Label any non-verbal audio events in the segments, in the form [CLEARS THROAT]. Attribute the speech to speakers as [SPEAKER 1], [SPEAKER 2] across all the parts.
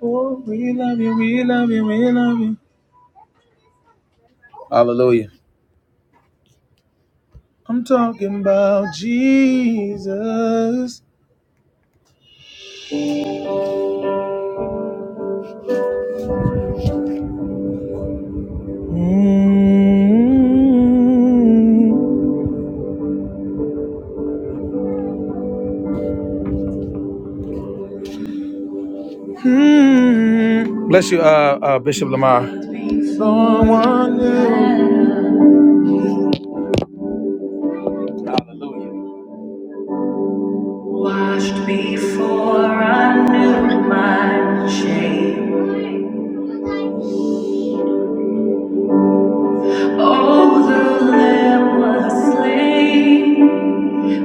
[SPEAKER 1] Oh, we love you, we love you, we love you. Hallelujah. I'm talking about Jesus. mm Mmm. Bless you, uh, uh, Bishop Lamar. Someone new. Hallelujah. Washed before I knew my shame. Oh, the Lamb was slain.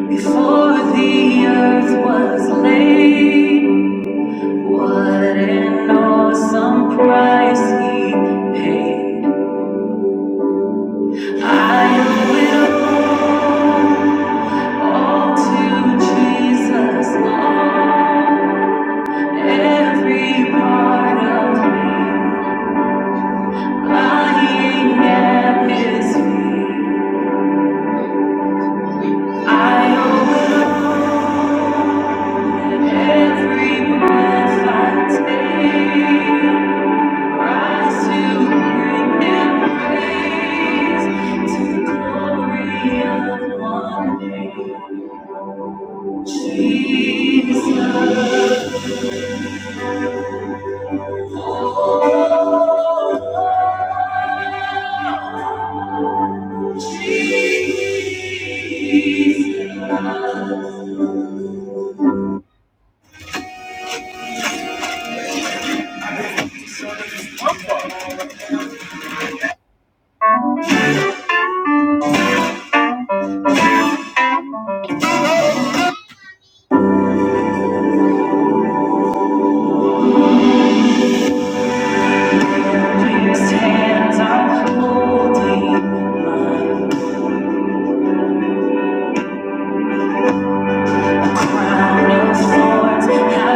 [SPEAKER 1] Before the earth was laid, what an awesome price he paid. I will all to Jesus, Lord, every part of me lying at his feet. I owe every breath I take.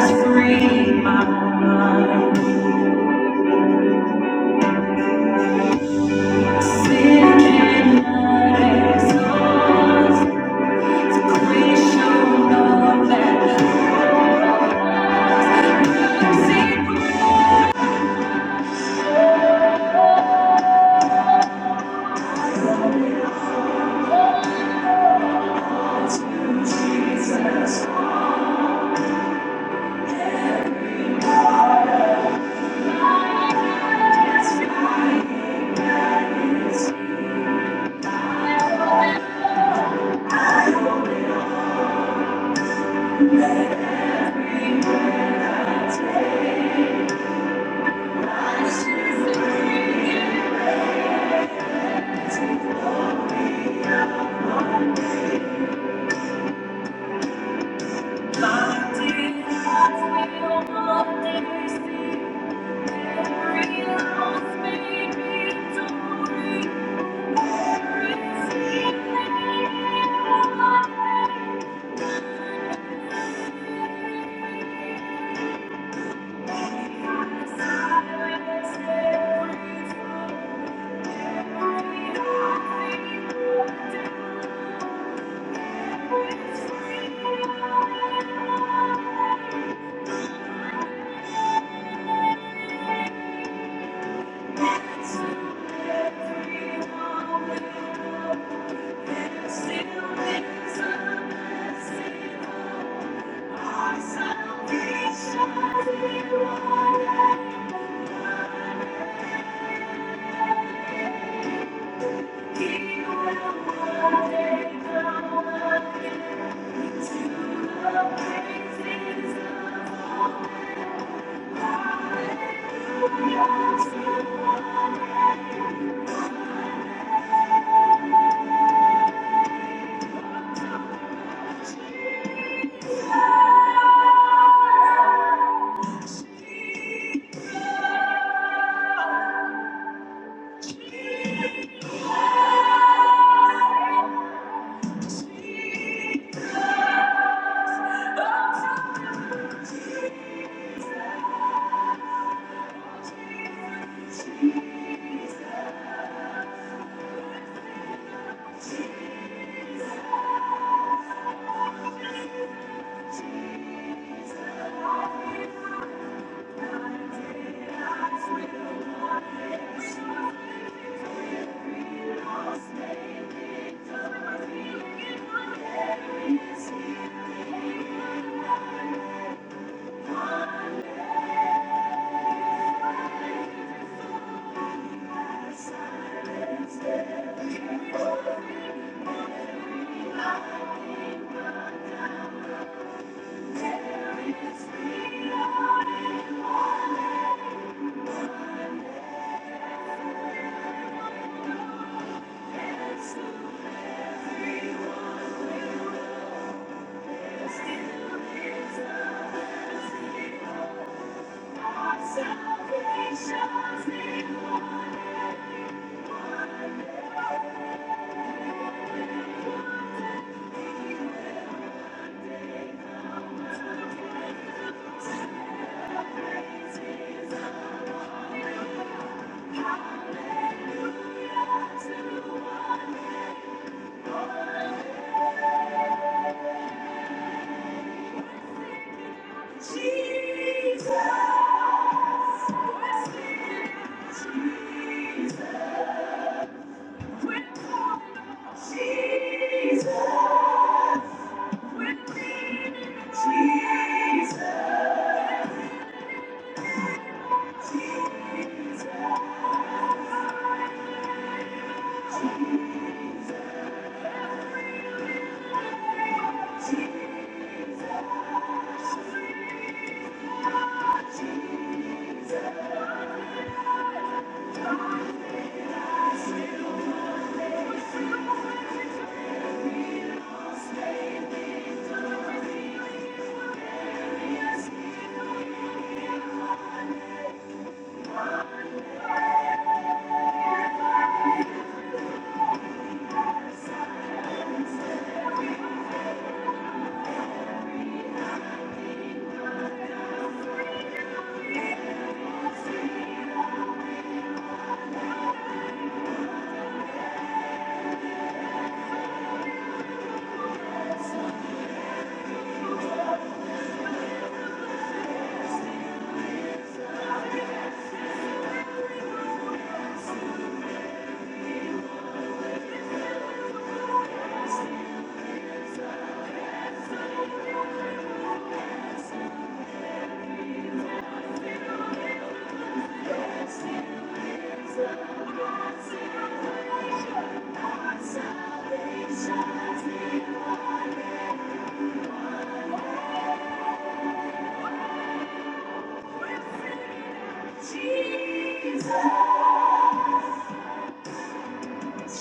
[SPEAKER 1] Freed my mind, sick and my soul. Salvation. Jesus,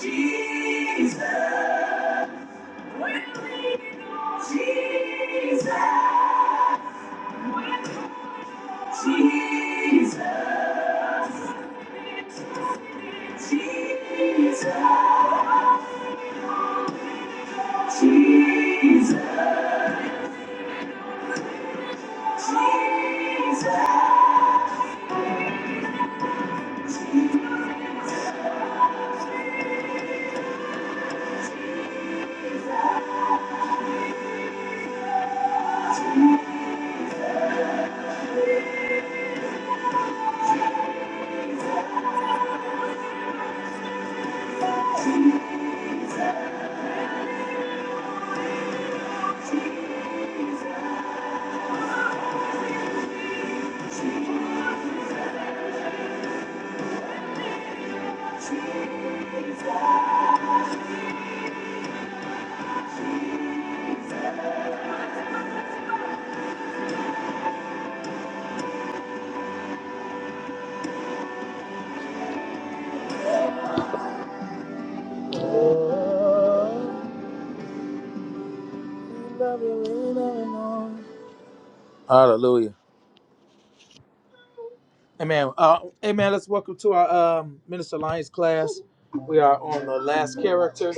[SPEAKER 1] Jesus, Jesus, Jesus. Hallelujah. Amen. Uh, amen. Let's welcome to our um, Minister Lyons class. We are on the last character,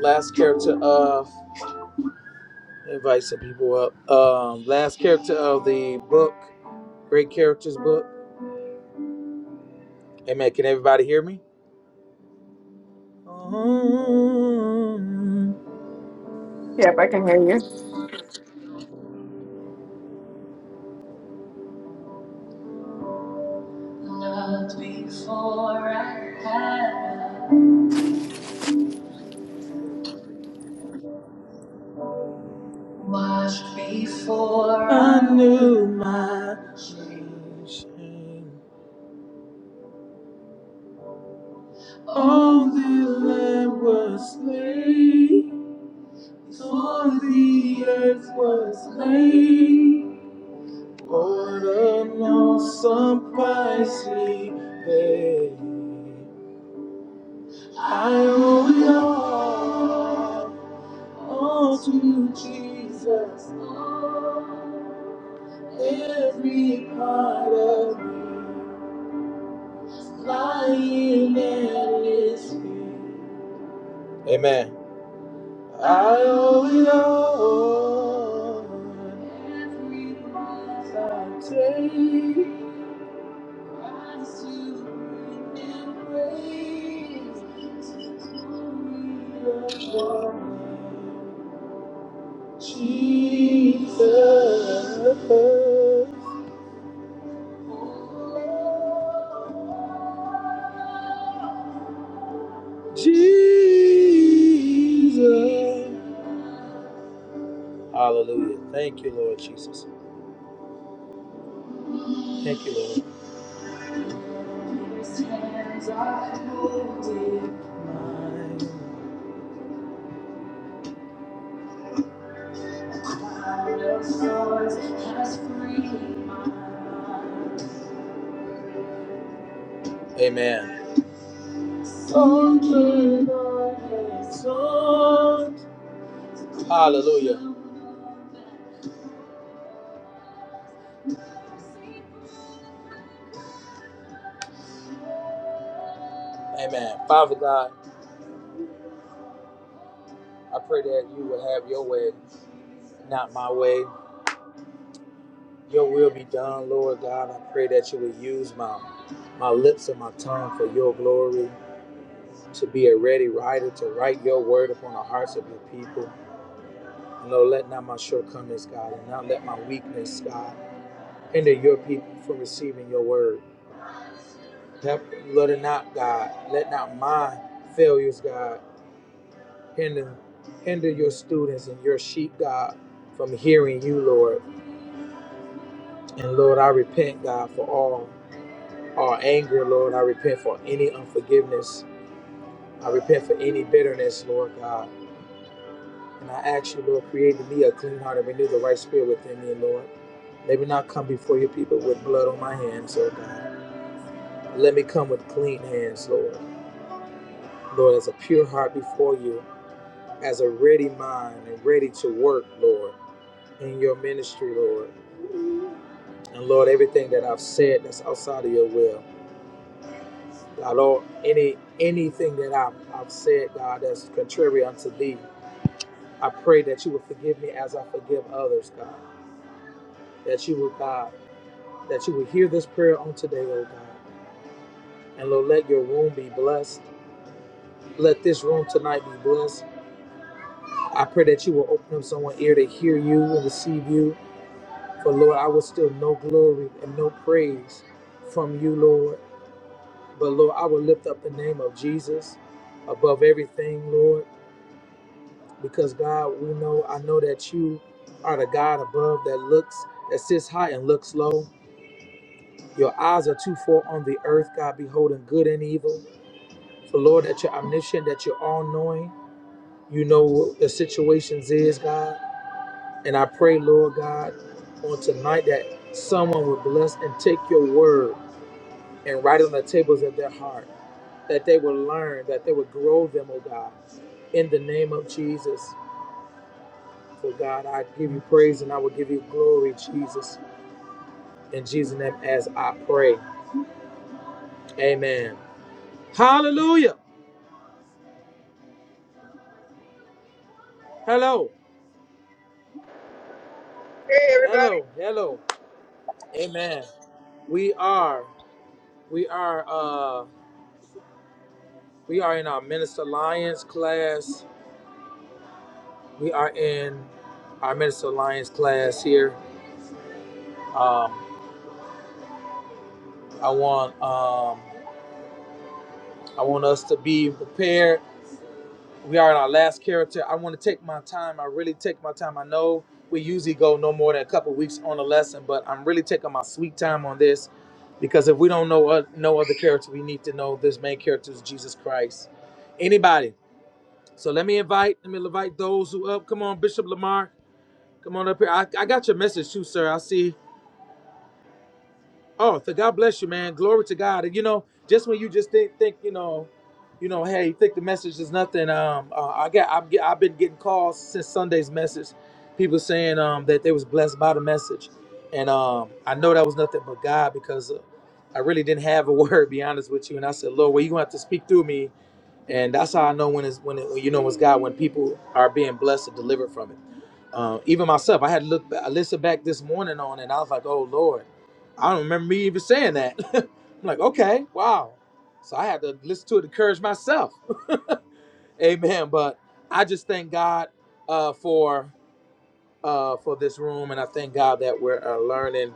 [SPEAKER 1] last character of, invite some people up, um, last character of the book. Great Characters book. Amen. Can everybody hear me? Loved
[SPEAKER 2] Yep, I can hear you. I
[SPEAKER 1] before I had, washed before I knew my shame. All the land was slain, for the earth was laid. What an awesome price he paid. I owe it all, all to you, Jesus. Every part of me, lying at His feet. Amen. I owe it all. Every breath I take, rise to and praise. Jesus. Jesus. Hallelujah. Thank you, Lord Jesus. Thank you, Lord. His hands are holding mine. God of swords has freed my mind. Amen. Soaking on his sword. Hallelujah. Amen. Father God, I pray that you would have your way, not my way. Your will be done, Lord God. I pray that you would use my my lips and my tongue for your glory, to be a ready writer, to write your word upon the hearts of your people. Lord, let not my shortcomings, God, and not let my weakness, God, hinder your people from receiving your word. Help, Lord, and not, God, let not my failures, God, hinder, hinder your students and your sheep, God, from hearing you, Lord. And Lord, I repent, God, for all. or anger, Lord. I repent for any unforgiveness. I repent for any bitterness, Lord God. And I ask you, Lord, create in me a clean heart and renew the right spirit within me, Lord. Let me not come before your people with blood on my hands, oh God. Let me come with clean hands, Lord. Lord, as a pure heart before you, as a ready mind and ready to work, Lord, in your ministry, Lord. And Lord, everything that I've said that's outside of your will, God, Lord, any anything that I've, I've said, God, that's contrary unto thee, I pray that you would forgive me as I forgive others, God. That you would, God, that you would hear this prayer on today, oh God. And Lord, let your room be blessed. Let this room tonight be blessed. I pray that you will open up someone's ear to hear you and receive you. For Lord, I will still no glory and no praise from you, Lord. But Lord, I will lift up the name of Jesus above everything, Lord. Because God, we know, I know that you are the God above that looks, that sits high and looks low. Your eyes are twofold on the earth, God, beholding good and evil. So, Lord, that you're omniscient, that you're all knowing. You know what the situations is, God. And I pray, Lord God, on tonight that someone will bless and take your word and write it on the tables of their heart, that they will learn, that they will grow them, oh God, in the name of Jesus. For God, I give you praise and I will give you glory, Jesus. In Jesus' name, as I pray. Amen. Hallelujah. Hello. Hello, hello. Amen. We are, we are, uh, we are in our Minister Alliance class. We are in our Minister Alliance class here. Um, I want, um, I want us to be prepared we are in our last character. I want to take my time. I really take my time. I know we usually go no more than a couple weeks on a lesson, but I'm really taking my sweet time on this because if we don't know uh, no other character, we need to know this main character is Jesus Christ. Anybody? So let me invite. Let me invite those who up. Come on, Bishop Lamar. Come on up here. I, I got your message too, sir. I see. Oh, so God bless you, man. Glory to God. And you know, just when you just think, think, you know, you know, hey, you think the message is nothing. Um, uh, I got, I've, get- I've been getting calls since Sunday's message. People saying um that they was blessed by the message, and um I know that was nothing but God because uh, I really didn't have a [LAUGHS] word. Be honest with you, and I said, Lord, well, you gonna have to speak through me and that's how I know when it's when it, when you know it's God when people are being blessed and delivered from it. Uh, even myself, I had to look, I listened back this morning on, and I was like, "Oh Lord, I don't remember me even saying that." [LAUGHS] I'm like, "Okay, wow." So I had to listen to it, to encourage myself. [LAUGHS] Amen. But I just thank God uh, for uh, for this room, and I thank God that we're uh, learning.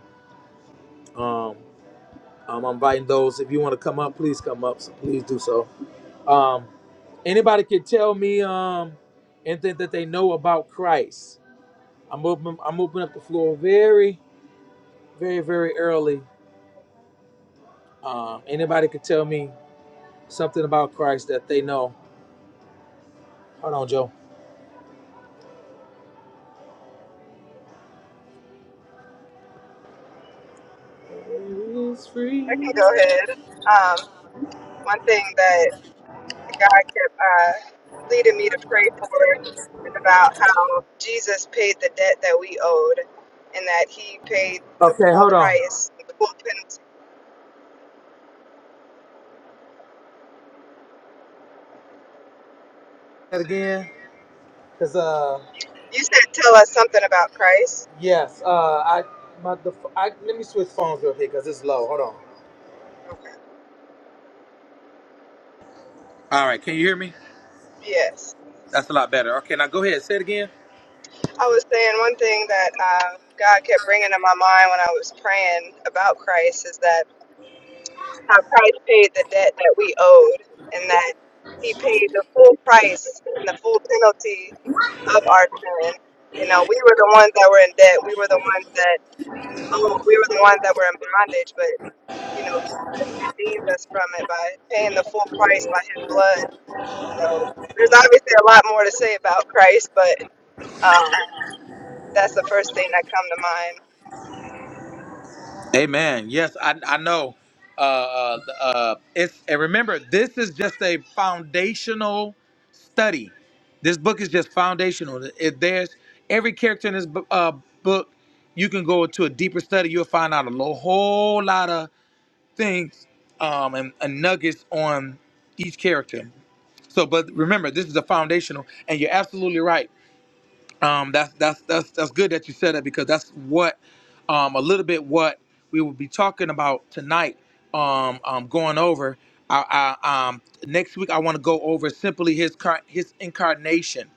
[SPEAKER 1] Um, um, I'm inviting those. If you want to come up, please come up. So please do so. Um, Anybody could tell me um anything that they know about Christ. I'm open. I'm opening up the floor very, very, very early. Um, anybody could tell me something about Christ that they know. Hold on, Joe. There is
[SPEAKER 2] can
[SPEAKER 1] freedom.
[SPEAKER 2] go ahead. Um, one thing that God kept uh, leading me to pray for is about how Jesus paid the debt that we owed and that he paid the
[SPEAKER 1] Okay,
[SPEAKER 2] full
[SPEAKER 1] hold on.
[SPEAKER 2] price, the full penalty.
[SPEAKER 1] That again, cause uh,
[SPEAKER 2] You said tell us something about Christ.
[SPEAKER 1] yes, uh, I my the I let me switch phones real quick, cause it's low. Hold on.
[SPEAKER 2] Okay.
[SPEAKER 3] All right, can you hear me?
[SPEAKER 2] Yes.
[SPEAKER 3] That's a lot better. Okay, now go ahead. Say it again.
[SPEAKER 2] I was saying one thing that uh, God kept bringing to my mind when I was praying about Christ is that. how Christ paid the debt that we owed, and that He paid the full price and the full penalty of our sin. You know, we were the ones that were in debt. We were the ones that oh, we were the ones that were in bondage. But you know, Jesus redeemed us from it by paying the full price by His blood. So there's obviously a lot more to say about Christ, but um, that's the first thing that come to mind.
[SPEAKER 3] Amen. Yes, I I know. Uh, uh, uh, it's and remember, this is just a foundational study. This book is just foundational. If there's every character in this bu- uh, book, you can go to a deeper study. You'll find out a lo- whole lot of things um, and, and nuggets on each character. So, but remember, this is a foundational, and you're absolutely right um, that's that's that's that's good that you said that because that's what um, a little bit what we will be talking about tonight. Um, um, going over. I, I, um, next week I want to go over simply his car- his incarnation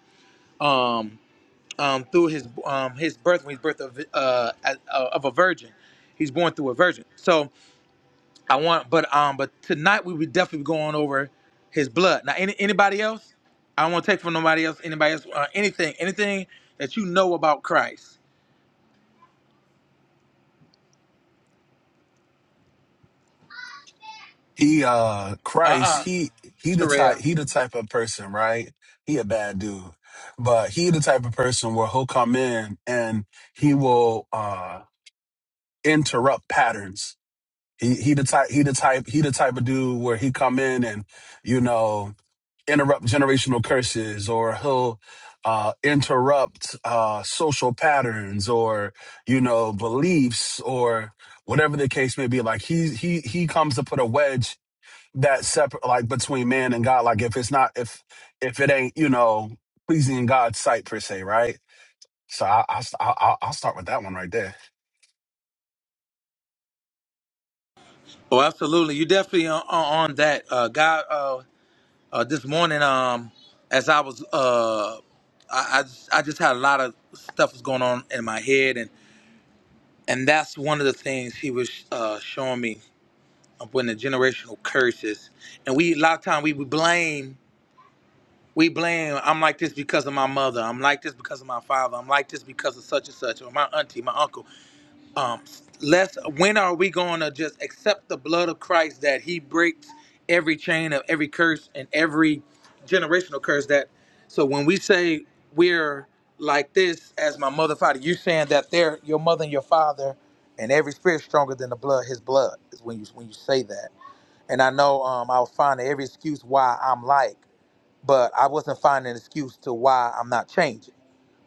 [SPEAKER 3] um, um, through his um, his birth when he's birth of uh, as- uh, of a virgin. He's born through a virgin. So I want, but um, but tonight we would definitely be going over his blood. Now, any, anybody else? I don't want to take from nobody else. Anybody else? Uh, anything? Anything that you know about Christ?
[SPEAKER 4] He uh
[SPEAKER 3] Uh,
[SPEAKER 4] Christ,
[SPEAKER 3] uh
[SPEAKER 4] he he the type
[SPEAKER 3] Soraya.
[SPEAKER 4] he the type of person, right? He a bad dude. But he the type of person where he'll come in and he will uh interrupt patterns. He he the type he the type he the type of dude where he come in and, you know, interrupt generational curses or he'll uh interrupt uh social patterns or, you know, beliefs or whatever the case may be. Like he he he comes to put a wedge that separate like between man and God. Like if it's not if if it ain't you know pleasing in God's sight per se, right? So I I I I'll I'll start with that one right there.
[SPEAKER 3] Oh, absolutely. You definitely on, on on that. Uh, God. Uh, uh, this morning, um, as I was, uh, I, I just I just had a lot of stuff was going on in my head, and and that's one of the things he was uh showing me of when the generational curses, and we a lot of time we would blame. we blame i'm like this because of my mother i'm like this because of my father i'm like this because of such and such or my auntie my uncle um let's when are we going to just accept the blood of christ that he breaks every chain of every curse and every generational curse that so when we say we're like this as my mother father you're saying that they're your mother and your father and every spirit stronger than the blood his blood is when you when you say that and i know um i'll find every excuse why i'm like but I wasn't finding an excuse to why I'm not changing,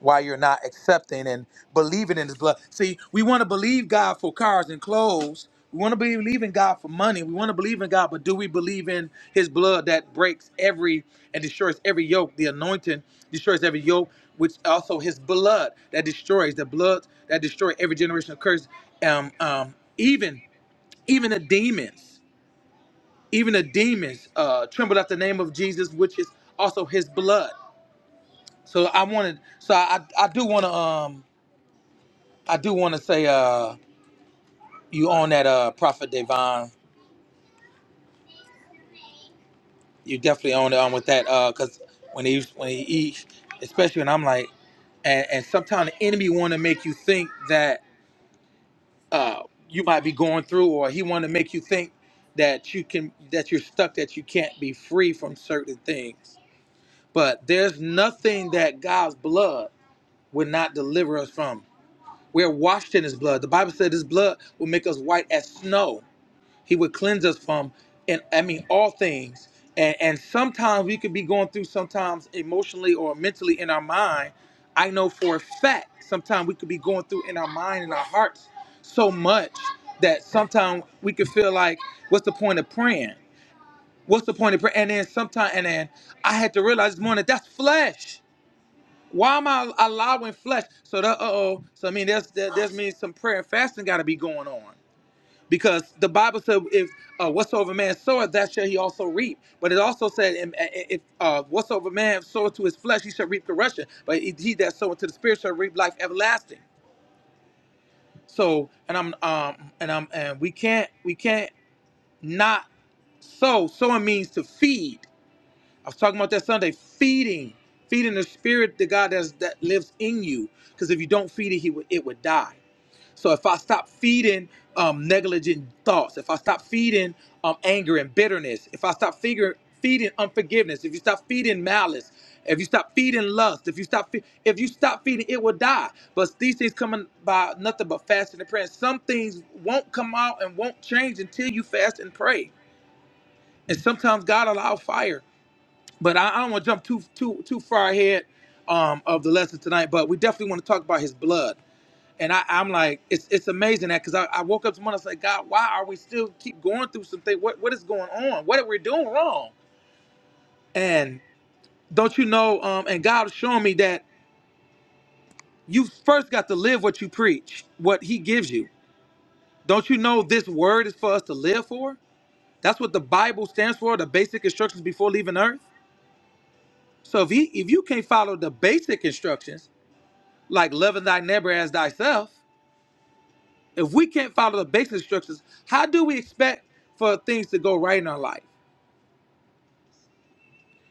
[SPEAKER 3] why you're not accepting and believing in His blood. See, we want to believe God for cars and clothes. We want to believe in God for money. We want to believe in God, but do we believe in His blood that breaks every and destroys every yoke? The anointing destroys every yoke, which also His blood that destroys the blood that destroy every generation of curse. Um, um, even even the demons, even the demons uh, trembled at the name of Jesus, which is also His blood. So I wanted. So I I do want to um I do want to say uh you own that uh Prophet Devon. You definitely own it on with that uh because when he when he eats, especially when I'm like, and and sometimes the enemy want to make you think that uh you might be going through or he want to make you think that you can that you're stuck that you can't be free from certain things. But there's nothing that God's blood would not deliver us from. We are washed in his blood. The Bible said his blood will make us white as snow. He would cleanse us from and I mean all things. And and sometimes we could be going through sometimes emotionally or mentally in our mind. I know for a fact sometimes we could be going through in our mind and our hearts so much that sometimes we could feel like, what's the point of praying? What's the point of prayer? And then sometimes and then I had to realize this morning that's flesh. Why am I allowing flesh? So that uh oh. So I mean, there's that there's means some prayer and fasting got to be going on because the Bible said if uh, whatsoever man soweth, that shall he also reap. But it also said in- if uh, whatsoever man soweth to his flesh, he shall reap corruption. But he he that soweth to the spirit shall reap life everlasting. So and I'm um and I'm and we can't we can't not sow. Sowing means to feed. I was talking about that Sunday, feeding, feeding the spirit the God that's, that lives in you. Because if you don't feed it, he would, it would die. So if I stop feeding um, negligent thoughts, if I stop feeding um, anger and bitterness, if I stop figure, feeding unforgiveness, if you stop feeding malice, if you stop feeding lust, if you stop fe- if you stop feeding, it will die. But these things coming by nothing but fasting and prayer. And some things won't come out and won't change until you fast and pray. And sometimes God allow fire but I, I don't want to jump too too too far ahead um, of the lesson tonight. But we definitely want to talk about his blood. And I, I'm like, it's it's amazing that because I, I woke up tomorrow and I said, God, why are we still keep going through some things? What what is going on? What are we doing wrong? And don't you know? Um, and God was showing me that you first got to live what you preach, what He gives you. Don't you know this word is for us to live for? That's what the Bible stands for, the basic instructions before leaving earth. So if he, if you can't follow the basic instructions, like loving thy neighbor as thyself, if we can't follow the basic instructions, how do we expect for things to go right in our life?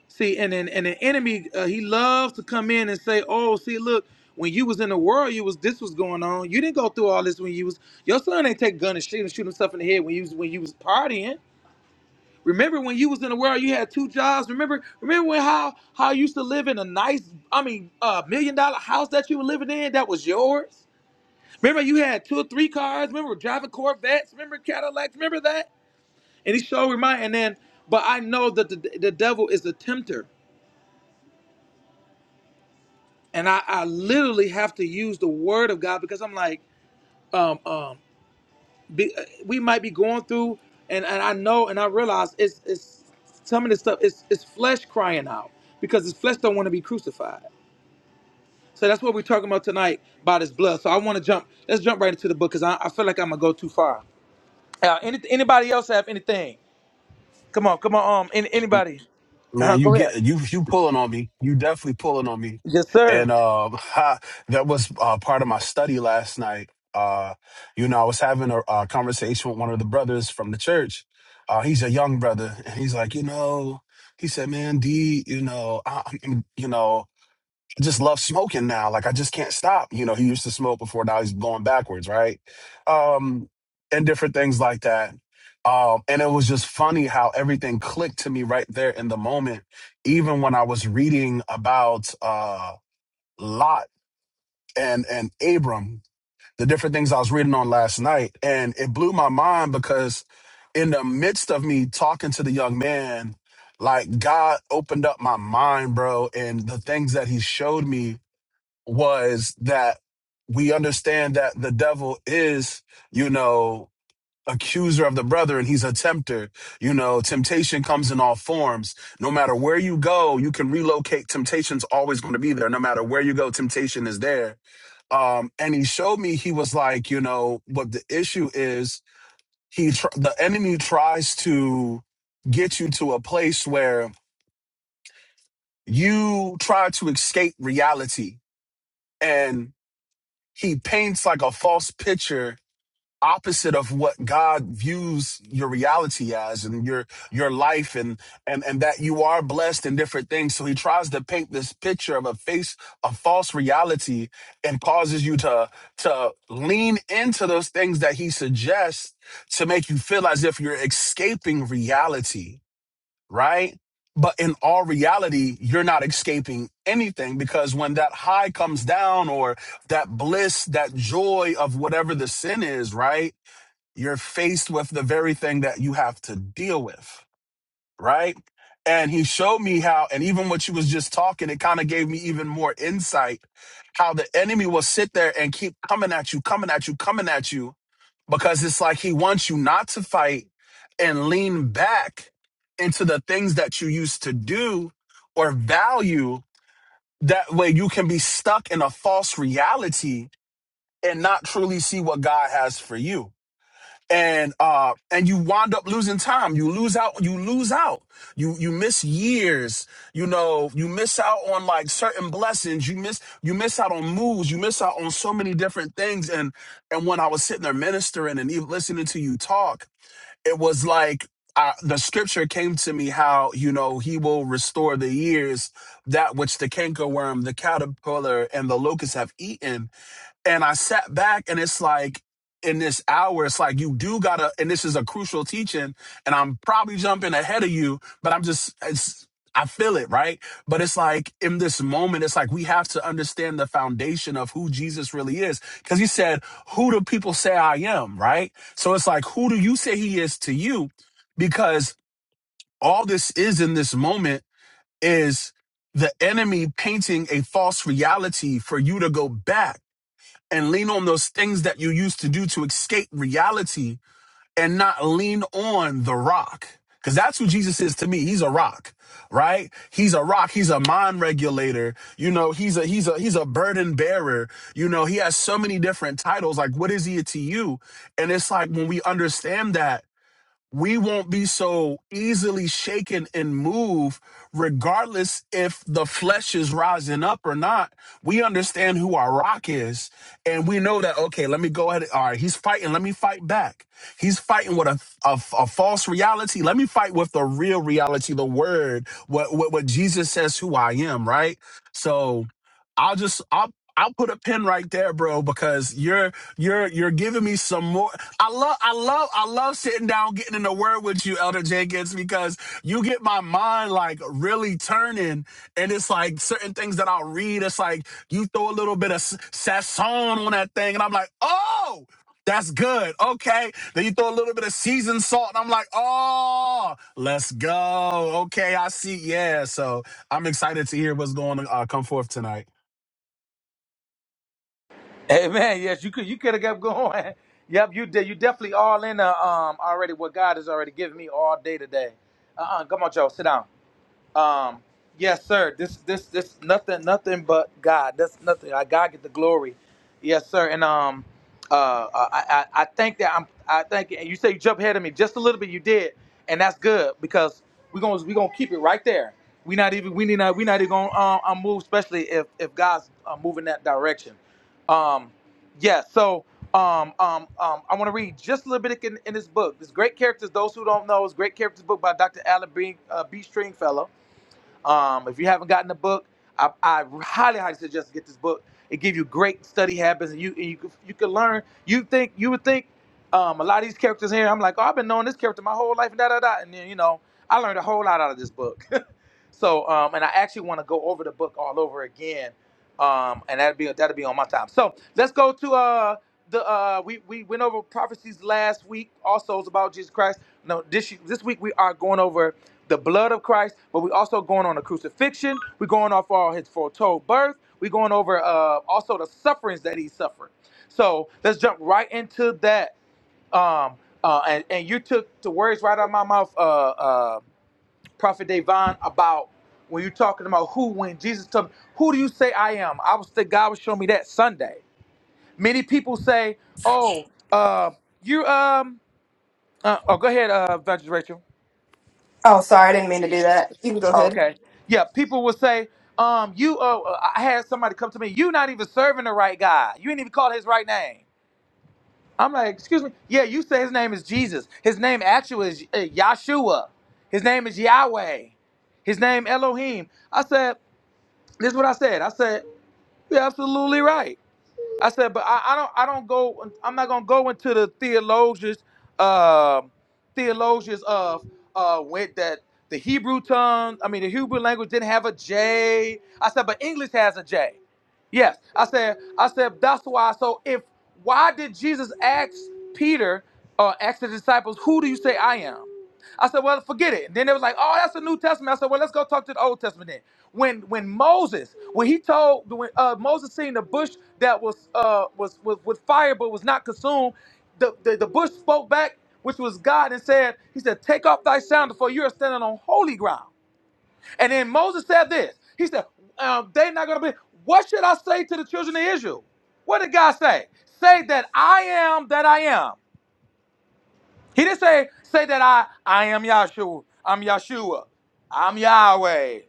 [SPEAKER 3] See, and and, and the enemy, uh, he loves to come in and say, "Oh, see, look, when you was in the world, you was this was going on. You didn't go through all this when you was your son ain't take a gun and shoot and shoot himself in the head when you was when you was partying." Remember when you was in the world, you had two jobs. Remember, remember when how how you used to live in a nice, I mean, a million dollar house that you were living in that was yours. Remember, you had two or three cars. Remember, driving Corvettes. Remember Cadillacs. Remember that. And he showed me And then, but I know that the, the devil is the tempter, and I, I literally have to use the word of God because I'm like, um, um, be, uh, we might be going through, and, and I know, and I realize it's it's some of this stuff. It's it's flesh crying out because his flesh don't want to be crucified. So that's what we're talking about tonight about his blood. So I want to jump. Let's jump right into the book because I, I feel like I'm gonna go too far. Uh, any, anybody else have anything? Come on, come on. Um, any,
[SPEAKER 4] M-
[SPEAKER 3] anybody? Uh,
[SPEAKER 4] Man, you
[SPEAKER 3] go ahead.
[SPEAKER 4] get you you pulling on me. You definitely pulling on me.
[SPEAKER 3] Yes, sir.
[SPEAKER 4] And um, [LAUGHS] ha, that was uh, part of my study last night. Uh, you know, I was having a, a conversation with one of the brothers from the church. Uh, he's a young brother, and he's like, you know, he said, "Man, D, you know, I, I'm- you know, I just love smoking now. Like I just can't stop. You know, he used to smoke before, now he's going backwards, right? Um, and different things like that. Um, and it was just funny how everything clicked to me right there in the moment, even when I was reading about uh Lot and and Abram, the different things I was reading on last night, and it blew my mind because in the midst of me talking to the young man, like God opened up my mind, bro, and the things that he showed me was that we understand that the devil is, you know, accuser of the brethren. He's a tempter. You know, temptation comes in all forms. No matter where you go, you can relocate. Temptation's always going to be there. No matter where you go, temptation is there. Um, and he showed me, he was like, you know, what the issue is, he, tr- the enemy tries to get you to a place where you try to escape reality. and. he paints like a false picture opposite of what God views your reality as and your your life and and and that you are blessed and different things so he tries to paint this picture of a face a false reality and causes you to to lean into those things that he suggests to make you feel as if you're escaping reality right? But in all reality, you're not escaping anything because when that high comes down or that bliss, that joy of whatever the sin is, right? You're faced with the very thing that you have to deal with, right? And he showed me how, and even what you was just talking, it kind of gave me even more insight how the enemy will sit there and keep coming at you, coming at you, coming at you because it's like he wants you not to fight and lean back into the things that you used to do or value. That way you can be stuck in a false reality and not truly see what God has for you and uh and you wind up losing time you lose out you lose out you you miss years you know you miss out on like certain blessings you miss you miss out on moves you miss out on so many different things and and when i was sitting there ministering and even listening to you talk it was like I, the scripture came to me how you know he will restore the years that which the cankerworm the caterpillar and the locust have eaten and I sat back and it's like, in this hour, it's like you do gotta, and this is a crucial teaching, and I'm probably jumping ahead of you, but I'm just, it's, I feel it, right? But it's like in this moment, it's like we have to understand the foundation of who Jesus really is. Cause he said, Who do people say I am, right? So it's like, Who do you say he is to you? Because all this is in this moment is the enemy painting a false reality for you to go back and lean on those things that you used to do to escape reality and not lean on the rock. Cause that's who Jesus is to me. He's a rock, right? He's a rock. He's a mind regulator. You know, he's a, he's a, he's a burden bearer. You know, he has so many different titles. Like, what is he to you? And it's like when we understand that we won't be so easily shaken and moved, regardless if the flesh is rising up or not. We understand who our rock is, and we know that, okay, let me go ahead. All right, he's fighting. Let me fight back. He's fighting with a, a, a false reality. Let me fight with the real reality, the word, what, what, what Jesus says who I am, right? So I'll just, I'll, I'll put a pin right there, bro, because you're you're you're giving me some more. I love, I love, I love sitting down, getting in the word with you, Elder Jenkins, because you get my mind like really turning, and it's like certain things that I'll read. It's like you throw a little bit of s- sasson on that thing, and I'm like, oh, that's good. Okay. Then you throw a little bit of seasoned salt, and I'm like, oh, let's go. Okay, I see. Yeah. So I'm excited to hear what's going to uh, come forth tonight.
[SPEAKER 3] Hey, man. Yes, you could. You could have kept going. [LAUGHS] yep, you did. You definitely all in. Uh, um, already what God has already given me all day today. Uh, uh come on, y'all. Sit down. Um, yes, sir. This this this nothing nothing but God. That's nothing. I God get the glory. Yes, sir. And um, uh, uh, I I, I think that I'm. I think and you say you jump ahead of me just a little bit. You did, and that's good because we gonna we gonna keep it right there. We not even we need not we not even gonna um, um, move, especially if if God's uh, moving that direction. Um, yeah. So um um um I want to read just a little bit in, in this book. This great characters. Those who don't know, is great characters book by Dr. Alan B. Uh, B. Stringfellow um, if you haven't gotten the book, I, I highly, highly suggest to get this book. It gives you great study habits, and you and you could- you can learn. You think you would think um, a lot of these characters here. I'm like, oh, I've been knowing this character my whole life, and da da da. And then you know, I learned a whole lot out of this book. [LAUGHS] So, um, and I actually want to go over the book all over again, um, and that'd be that'd be on my time. So let's go to uh the uh we we went over prophecies last week. Also, it's about Jesus Christ. No, this this week we are going over the blood of Christ, but we also going on the crucifixion. We're going off all his foretold birth. We're going over uh also the sufferings that he suffered. So let's jump right into that. Um, uh, and and you took the words right out of my mouth. Uh, uh Prophet Davon about when you're talking about who, when Jesus told me, who do you say I am? I was the God was showing me that Sunday. Many people say, oh, uh, you, um, uh, oh, go ahead, uh, Evangelist Rachel.
[SPEAKER 2] Oh, sorry, I didn't mean to do that. You can go
[SPEAKER 3] Oh,
[SPEAKER 2] ahead.
[SPEAKER 3] okay. Yeah, people will say, um, you, uh, uh, I had somebody come to me, you not even serving the right guy. You ain't even called his right name. I'm like, excuse me. Yeah, you say his name is Jesus. His name actually is uh, Yahshua. His name is Yahweh. His name Elohim. I said, this is what I said. I said, You're absolutely right. I said, but I, I don't I don't go I'm not gonna go into the theologians um theologians of uh went that the Hebrew tongue, I mean the Hebrew language didn't have a J. I said, but English has a J. Yes. I said I said that's why so if why did Jesus ask Peter uh ask the disciples, who do you say I am? I said, well, forget it. And then it was like, oh, that's the New Testament. I said, well, let's go talk to the Old Testament then. When when Moses, when he told when uh, Moses seen the bush that was uh was was with fire but was not consumed, the, the the bush spoke back, which was God, and said, He said, Take off thy sandal, for you are standing on holy ground. And then Moses said this. He said, um, they're not gonna be what should I say to the children of Israel? What did God say? Say that I am that I am. He didn't say say that I I am Yahshua. I'm Yahshua. I'm Yahweh.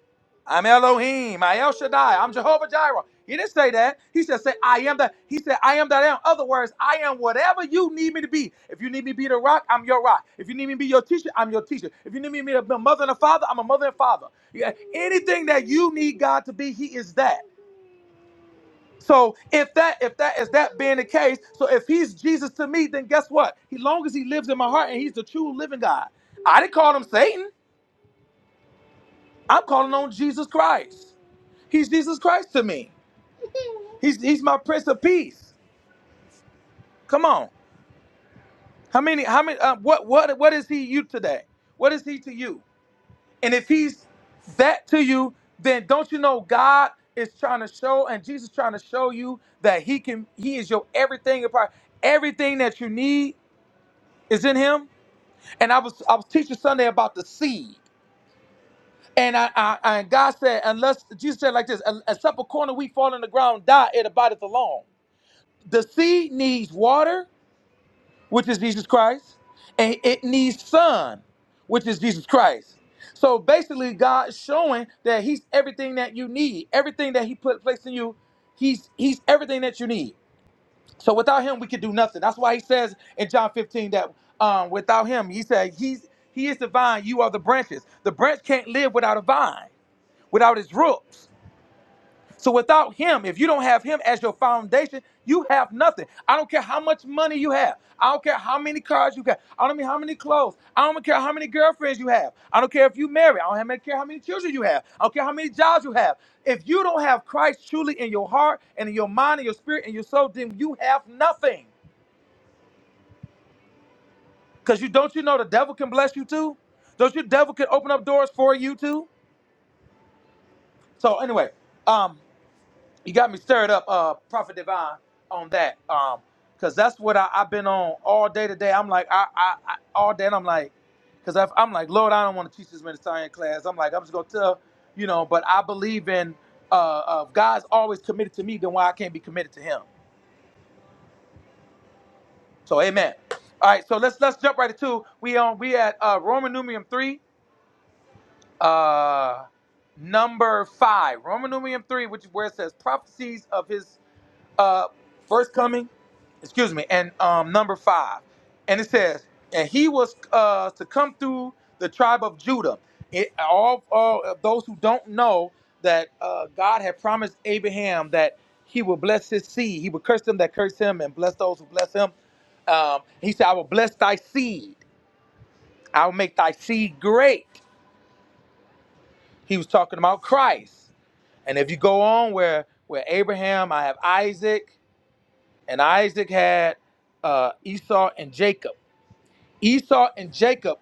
[SPEAKER 3] I'm Elohim. I El Shaddai. I'm Jehovah Jireh. He didn't say that. He said say I am that. He said, I am that I am. Other words, I am whatever you need me to be. If you need me to be the rock, I'm your rock. If you need me to be your teacher, I'm your teacher. If you need me to be a mother and a father, I'm a mother and father. Yeah. Anything that you need God to be, He is that. So if that if that is that being the case, so if he's Jesus to me, then guess what? He long as he lives in my heart and he's the true living God. I didn't call him Satan. I'm calling on Jesus Christ. He's Jesus Christ to me. He's he's my Prince of Peace. Come on. How many? How many? Uh, what what what is he you today? What is he to you? And if he's that to you, then don't you know God is trying to show and Jesus trying to show you that he can he is your everything apart everything that you need is in him. And I was I was teaching Sunday about the seed. And I, I, I and God said, unless Jesus said like this, except a corner we fall in the ground, die, it abideth alone. The seed needs water, which is Jesus Christ, and it needs sun, which is Jesus Christ. So basically, God's showing that He's everything that you need, everything that He put placed in you. He's He's everything that you need. So without him, we could do nothing. That's why he says in John 15 that um, without him, he said, he's, He is the vine, you are the branches. The branch can't live without a vine, without its roots. So without him, if you don't have him as your foundation, you have nothing. I don't care how much money you have. I don't care how many cars you got. I don't mean how many clothes. I don't care how many girlfriends you have. I don't care if you marry. I don't have- care how many children you have. I don't care how many jobs you have. If you don't have Christ truly in your heart and in your mind and your spirit and your soul, then you have nothing. Because you don't you know the devil can bless you too? Don't you devil can open up doors for you too? So anyway, um, you got me stirred up, uh, Prophet Divine, on that. Um, because that's what I, I've been on all day today. I'm like, I, I, I all day and I'm like, because I'm like, Lord, I don't want to teach this Ministerian class. I'm like, I'm just gonna tell, you know, but I believe in uh, uh God's always committed to me, then why I can't be committed to him. So amen. All right, so let's let's jump right into we on we at uh Roman numeral three. uh number five roman numeral three which is where it says prophecies of his uh first coming excuse me and um number five and it says and he was uh to come through the tribe of judah it all, all of those who don't know that uh god had promised abraham that he would bless his seed he would curse them that curse him and bless those who bless him um he said i will bless thy seed i will make thy seed great he was talking about christ And if you go on where where Abraham, I have Isaac, and Isaac had uh, Esau and Jacob. Esau and Jacob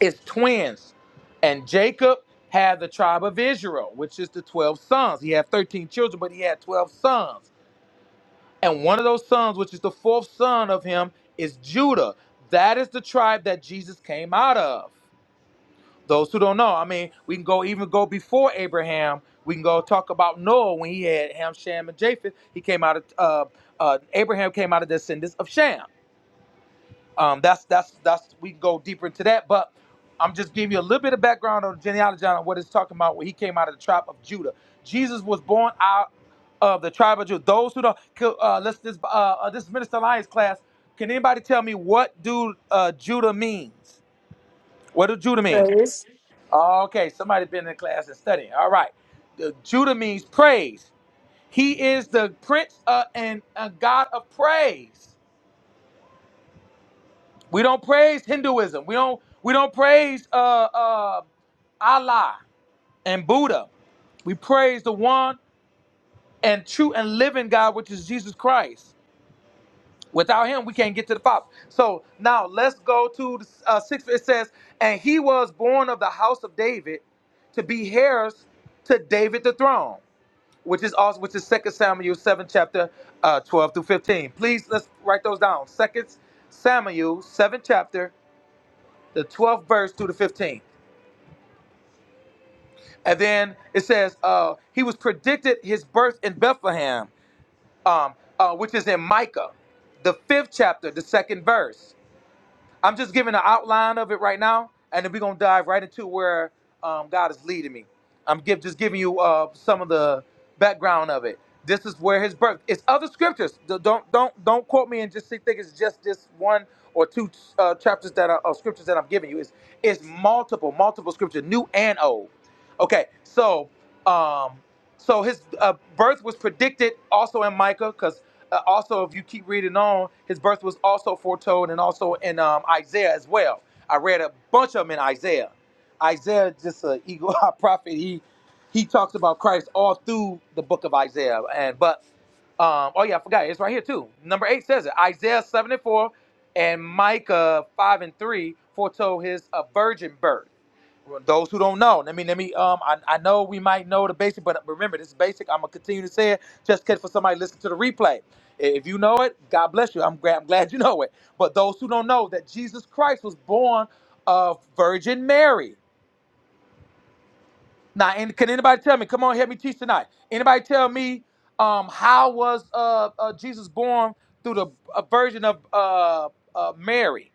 [SPEAKER 3] is twins, and Jacob had the tribe of Israel, which is the twelve sons. He had thirteen children, but he had twelve sons, and one of those sons, which is the fourth son of him, is Judah. That is the tribe that Jesus came out of. those who don't know, I mean, we can go even go before Abraham. We can go talk about Noah when he had Ham, Shem, and Japheth. He came out of uh, uh, Abraham came out of descendants of Shem. Um, that's that's that's we can go deeper into that, but I'm just giving you a little bit of background on the genealogy on what it's talking about when he came out of the tribe of Judah. Jesus was born out of the tribe of Judah. Those who don't, uh, let's this uh, uh, this is Minister Lyons class. Can anybody tell me what do uh, Judah means? What does Judah mean?
[SPEAKER 2] Praise.
[SPEAKER 3] Okay, somebody been in class and studying. All right. The Judah means praise. He is the prince uh, and a god of praise. We don't praise Hinduism. We don't we don't praise uh, uh, Allah and Buddha. We praise the one and true and living God, which is Jesus Christ. Without him, we can't get to the Father. So now let's go to the uh, sixth. It says, "And he was born of the house of David, to be heirs to David the throne." which is also which is Second Samuel seven chapter uh, twelve through fifteen. Please let's write those down. Second Samuel seven chapter the twelfth verse through the fifteen, and then it says uh, he was predicted his birth in Bethlehem, um, uh, which is in Micah, the fifth chapter, the second verse. I'm just giving an outline of it right now, and then we're gonna dive right into where um, God is leading me. I'm give, just giving you uh, some of the background of it. This is where his birth. It's other scriptures. Don't don't don't quote me and just think it's just this one or two uh, chapters that are uh, scriptures that I'm giving you. It's it's multiple multiple scripture, new and old. Okay, so um, so his uh, birth was predicted also in Micah, cause uh, also, if you keep reading on, his birth was also foretold and also in um, Isaiah as well. I read a bunch of them in Isaiah. Isaiah, just an eagle eye [LAUGHS] prophet, he he talks about Christ all through the book of Isaiah. And but um, oh yeah, I forgot it's right here too. Number eight says it. Isaiah seven and four and Micah five and three foretold his uh, virgin birth those who don't know, let me let me um I, I know we might know the basic, but remember this is basic. I'm gonna continue to say it just in case for somebody listen to the replay. If you know it, God bless you. I'm glad, I'm glad you know it. But those who don't know that Jesus Christ was born of Virgin Mary. Now, and can anybody tell me? Come on, help me teach tonight. Anybody tell me um how was uh, uh Jesus born through the uh, Virgin of uh, uh Mary?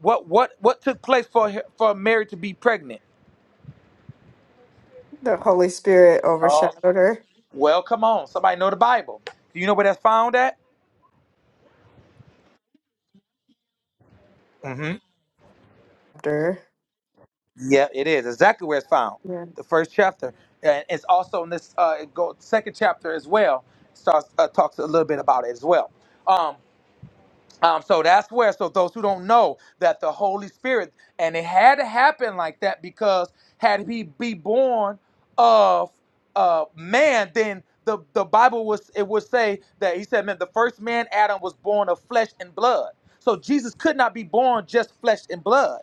[SPEAKER 3] What what what took place for her- for Mary to be pregnant?
[SPEAKER 2] The Holy Spirit overshadowed
[SPEAKER 3] Well, come on. Somebody know the Bible. Do you know where that's found at? hmm
[SPEAKER 2] her.
[SPEAKER 3] Yeah, it is exactly where it's found.
[SPEAKER 2] Yeah.
[SPEAKER 3] The first chapter, and it's also in this uh, it go second chapter as well. Starts uh, talks a little bit about it as well. Um, Um, so that's where, so those who don't know that the Holy Spirit, and it had to happen like that because had he be born of uh, man, then the, the Bible was, it would say that he said, man, the first man, Adam, was born of flesh and blood. So Jesus could not be born just flesh and blood.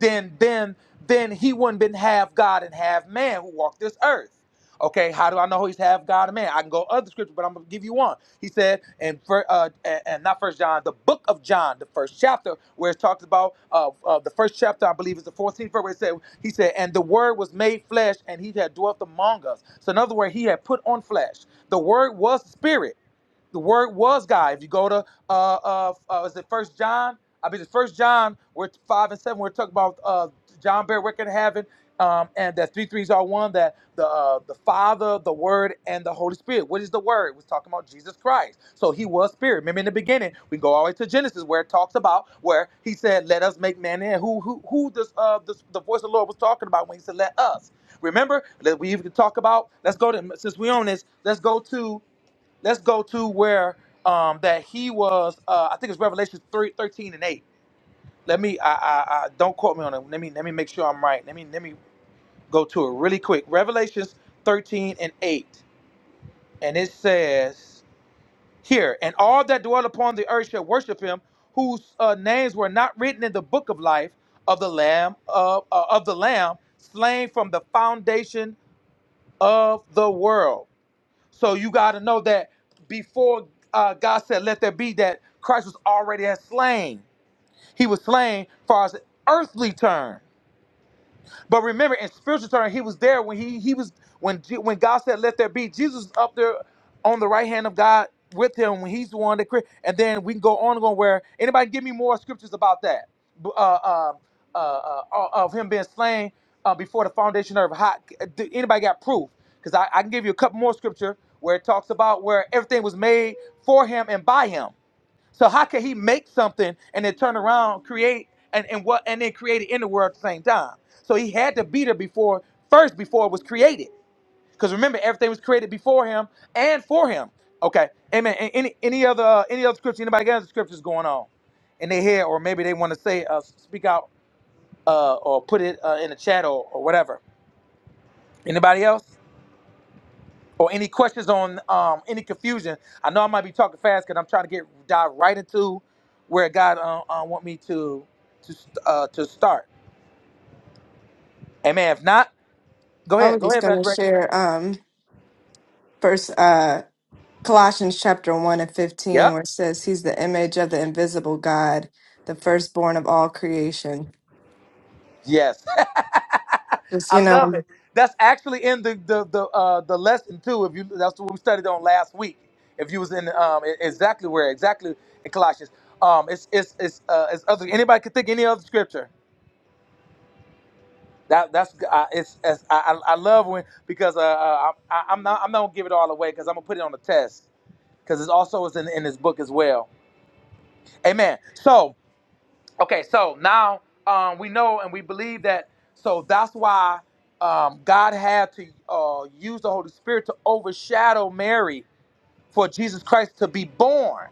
[SPEAKER 3] Then, then, then he wouldn't been half God and half man who walked this earth. Okay, how do I know he's half God and man? I can go other scripture, but I'm gonna give you one. He said, and for uh, and and not First John, the book of John, the first chapter, where it talks about uh, uh the first chapter, I believe, is the 14th verse. Where it said, he said, and the Word was made flesh, and he had dwelt among us. So in other words, he had put on flesh. The Word was spirit the word was God. If you go to uh uh, uh is it First John? I mean, it's First John. where five and seven. We're talking about uh John bear record in heaven, um, and that three threes are one. That the uh, the Father, the Word, and the Holy Spirit. What is the Word? We're talking about Jesus Christ. So He was Spirit. Remember in the beginning, we go all the way to Genesis where it talks about where He said, "Let us make man." And who who who this uh this, the voice of the Lord was talking about when He said, "Let us." Remember, let we even talk about. Let's go to since we own this. Let's go to let's go to where um that he was uh i think it's revelation 3 13 and 8 let me i i, I don't quote me on it let me let me make sure i'm right let me let me go to it really quick revelations 13 and 8 and it says here and all that dwell upon the earth shall worship him whose uh, names were not written in the book of life of the lamb of uh, of the lamb slain from the foundation of the world So you got to know that before uh, God said, "Let there be," that Christ was already had slain. He was slain, far as earthly term. But remember, in spiritual terms, he was there when he he was when Je- when God said, "Let there be." Jesus was up there on the right hand of God with him when he's the one that created. And then we can go on and go where anybody give me more scriptures about that B- uh, uh, uh, uh, uh, of him being slain uh, before the foundation of how do- anybody got proof? Because I, I can give you a couple more scripture where it talks about where everything was made for him and by him. So how can he make something and then turn around, create and, and what and then create it in the world at the same time? So he had to be there before first before it was created. Because remember, everything was created before him and for him. Okay. Amen. A- Any any other uh, any other scripture? Anybody got other scriptures going on in their head, or maybe they want to say uh, speak out uh, or put it uh, in the chat or, or whatever. Anybody else? or any questions on um, any confusion. I know I might be talking fast because I'm trying to get dive right into where God uh, uh, want me to to uh, to start. Amen. If not, go
[SPEAKER 2] I
[SPEAKER 3] ahead.
[SPEAKER 2] was
[SPEAKER 3] Go
[SPEAKER 2] just
[SPEAKER 3] ahead,
[SPEAKER 2] gonna
[SPEAKER 3] Pastor Rachel.
[SPEAKER 2] share um first uh Colossians chapter one and fifteen
[SPEAKER 3] Yep.
[SPEAKER 2] where it says he's the image of the invisible God, the firstborn of all creation.
[SPEAKER 3] Yes. [LAUGHS]
[SPEAKER 2] Just
[SPEAKER 3] I
[SPEAKER 2] you
[SPEAKER 3] love it.
[SPEAKER 2] know,
[SPEAKER 3] That's actually in the the the, uh, the lesson too. If you that's what we studied on last week. If you was in um, e- exactly where exactly in Colossians. Um, it's it's it's uh, it's other. Anybody can think any other scripture. That that's uh, it's, it's I, I I love when because uh, uh I, I'm not I'm not gonna give it all away because I'm gonna put it on the test because it's also is in in this book as well. Amen. So okay, so now um we know and we believe that so that's why um God had to uh use the Holy Spirit to overshadow Mary for Jesus Christ to be born.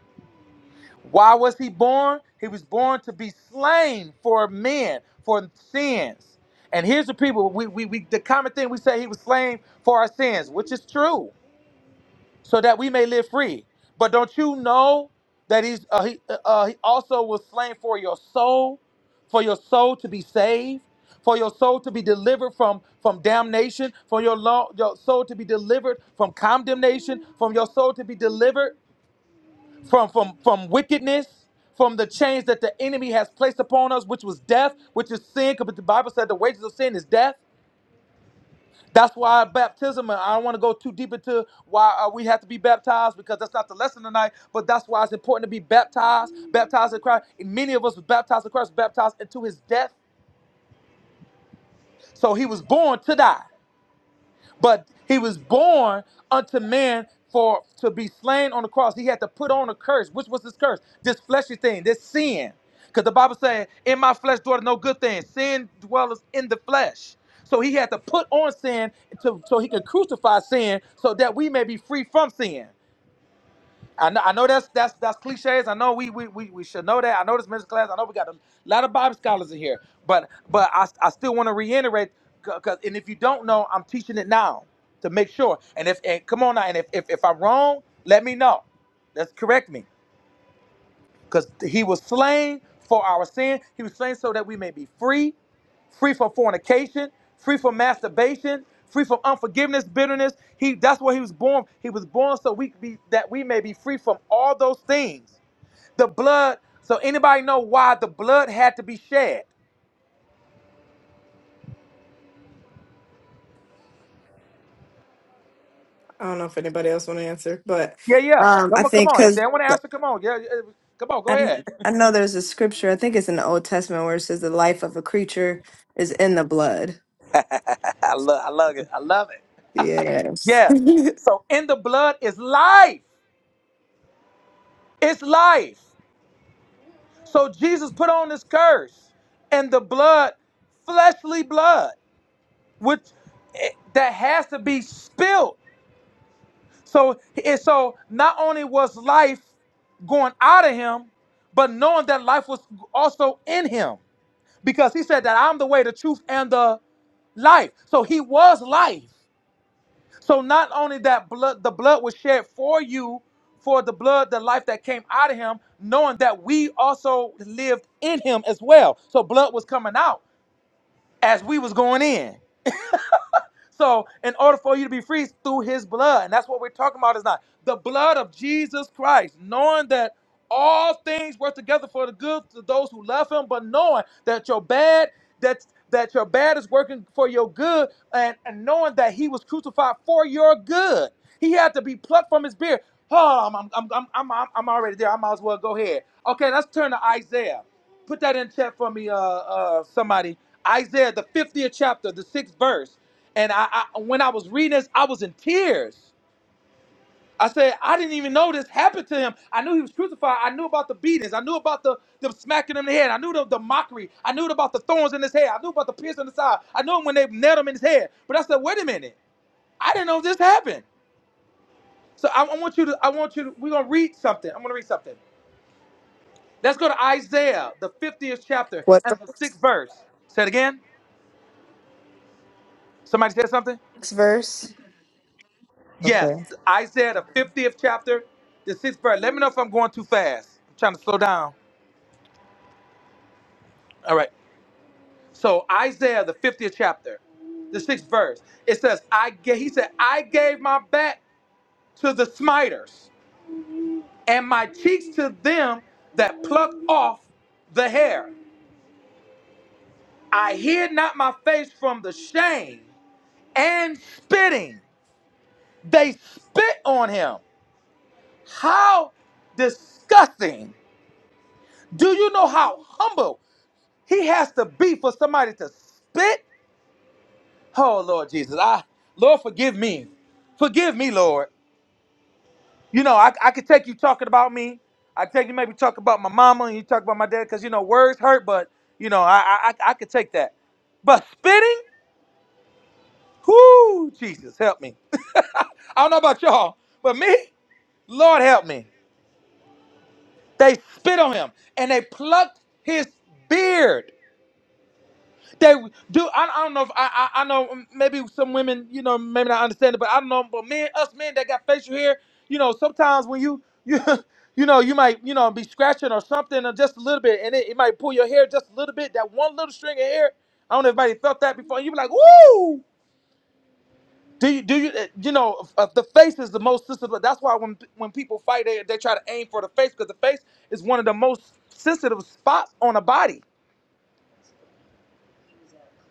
[SPEAKER 3] Why was he born? He was born to be slain for men, for sins. And here's the people, we, we, we the common thing we say he was slain for our sins, which is true, so that we may live free. But don't you know that he's uh, he, uh, uh, he also was slain for your soul, for your soul to be saved, for your soul to be delivered from from damnation, for your, lo- your soul to be delivered from condemnation, from your soul to be delivered from from from wickedness from the chains that the enemy has placed upon us which was death which is sin because the bible said the wages of sin is death that's why baptism and i don't want to go too deep into why uh, we have to be baptized because that's not the lesson tonight but that's why it's important to be baptized baptized in christ and many of us were baptized in christ baptized into his death so he was born to die But he was born unto man for to be slain on the cross. He had to put on a curse. Which was this curse? This fleshly thing, this sin. Because the Bible says, In my flesh dwelleth no good thing. Sin dwelleth in the flesh. So he had to put on sin to, so he could crucify sin so that we may be free from sin. I know, I know that's that's that's cliches. I know we we, we we should know that. I know this men's class. I know we got a lot of Bible scholars in here. But but I, I still want to reiterate because and if you don't know, I'm teaching it now to make sure. And if and come on now, and if if, if I'm wrong, let me know. Let's correct me because he was slain for our sin. He was slain so that we may be free free from fornication, free from masturbation, free from unforgiveness, bitterness. He that's what he was born. He was born so we be that we may be free from all those things. The blood. So anybody know why the blood had to be shed?
[SPEAKER 2] I don't know if anybody else want to answer, but
[SPEAKER 3] Yeah, yeah.
[SPEAKER 2] um I
[SPEAKER 3] Come on, come
[SPEAKER 2] think
[SPEAKER 3] on. If they
[SPEAKER 2] because
[SPEAKER 3] want to answer, come on. Yeah, yeah. come on. Go
[SPEAKER 2] I
[SPEAKER 3] ahead.
[SPEAKER 2] I know there's a scripture I think it's in the Old Testament where it says the life of a creature is in the blood.
[SPEAKER 3] [LAUGHS] I love, I love it. I love it.
[SPEAKER 2] Yes. [LAUGHS]
[SPEAKER 3] Yeah. So in the blood is life. It's life. So Jesus put on this curse, and the blood, fleshly blood. which eh, that has to be spilled. So and so not only was life going out of him, but knowing that life was also in him. Because he said that I'm the way, the truth, and the life. So he was life. So not only that blood, the blood was shed for you, for the blood, the life that came out of him, knowing that we also lived in him as well. So blood was coming out as we was going in. So, in order for you to be free through his blood, and that's what we're talking about is not the blood of Jesus Christ, knowing that all things work together for the good to those who love him, but knowing that your bad, that that your bad is working for your good, and, and knowing that he was crucified for your good. He had to be plucked from his beard. Oh, I'm, I'm, I'm, I'm, I'm, I'm already there. I might as well go ahead. Okay, let's turn to Isaiah. Put that in chat for me, uh, uh, somebody. Isaiah, the 50th chapter, the sixth verse. And I, I, when I was reading this, I was in tears. I said, I didn't even know this happened to him. I knew he was crucified. I knew about the beatings. I knew about the them smacking him in the head. I knew the, the mockery. I knew about the thorns in his head. I knew about the pierce on the side. I knew when they nailed him in his head. But I said, wait a minute. I didn't know this happened. So I, I want you to, I want you to, we're going to read something. I'm going to read something. Let's go to Isaiah, the 50th chapter
[SPEAKER 2] what
[SPEAKER 3] and the
[SPEAKER 2] verse?
[SPEAKER 3] sixth verse. Say it again. Somebody said something?
[SPEAKER 2] Next verse.
[SPEAKER 3] Yes.
[SPEAKER 2] Okay.
[SPEAKER 3] Isaiah, the 50th chapter, the sixth verse. Let me know if I'm going too fast. I'm trying to slow down. All right. So Isaiah, the 50th chapter, the sixth verse. It says, I gave, he said, I gave my back to the smiters and my cheeks to them that pluck off the hair. I hid not my face from the shame and spitting. They spit on him. How disgusting. Do you know how humble? He has to be for somebody to spit. Oh Lord Jesus, I Lord forgive me, forgive me, Lord. You know I I could take you talking about me. I take you maybe talk about my mama and you talk about my dad because you know words hurt, but you know I I I could take that. But spitting, whoo, Jesus help me. I don't know about y'all, but me, Lord help me. They spit on him and they plucked his beard. They do. I, I don't know if I, I I know um, maybe some women you know maybe not understand it, but I don't know. But men, us men that got facial hair, you know, sometimes when you you [LAUGHS] you know you might you know be scratching or something or just a little bit, and it, it might pull your hair just a little bit. That one little string of hair. I don't know if anybody felt that before. You be like, woo. Do you do you uh, you know f- uh, the face is the most sensitive? That's why when when people fight, they they try to aim for the face because the face is one of the most sensitive spots on a body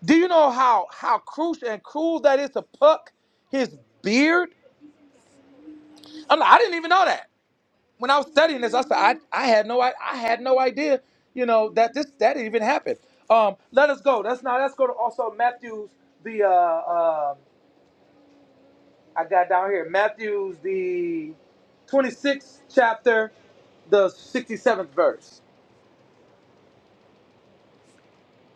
[SPEAKER 3] Do you know how how crucial and cruel that is to pluck his beard? I'm like, I didn't even know that. When I was studying this, I said I, I had no I, I had no idea, you know, that this that even happened. Um, let us go. Let's now let's go to also Matthew's the uh, uh I got down here Matthew's the 26th chapter, the 67th verse.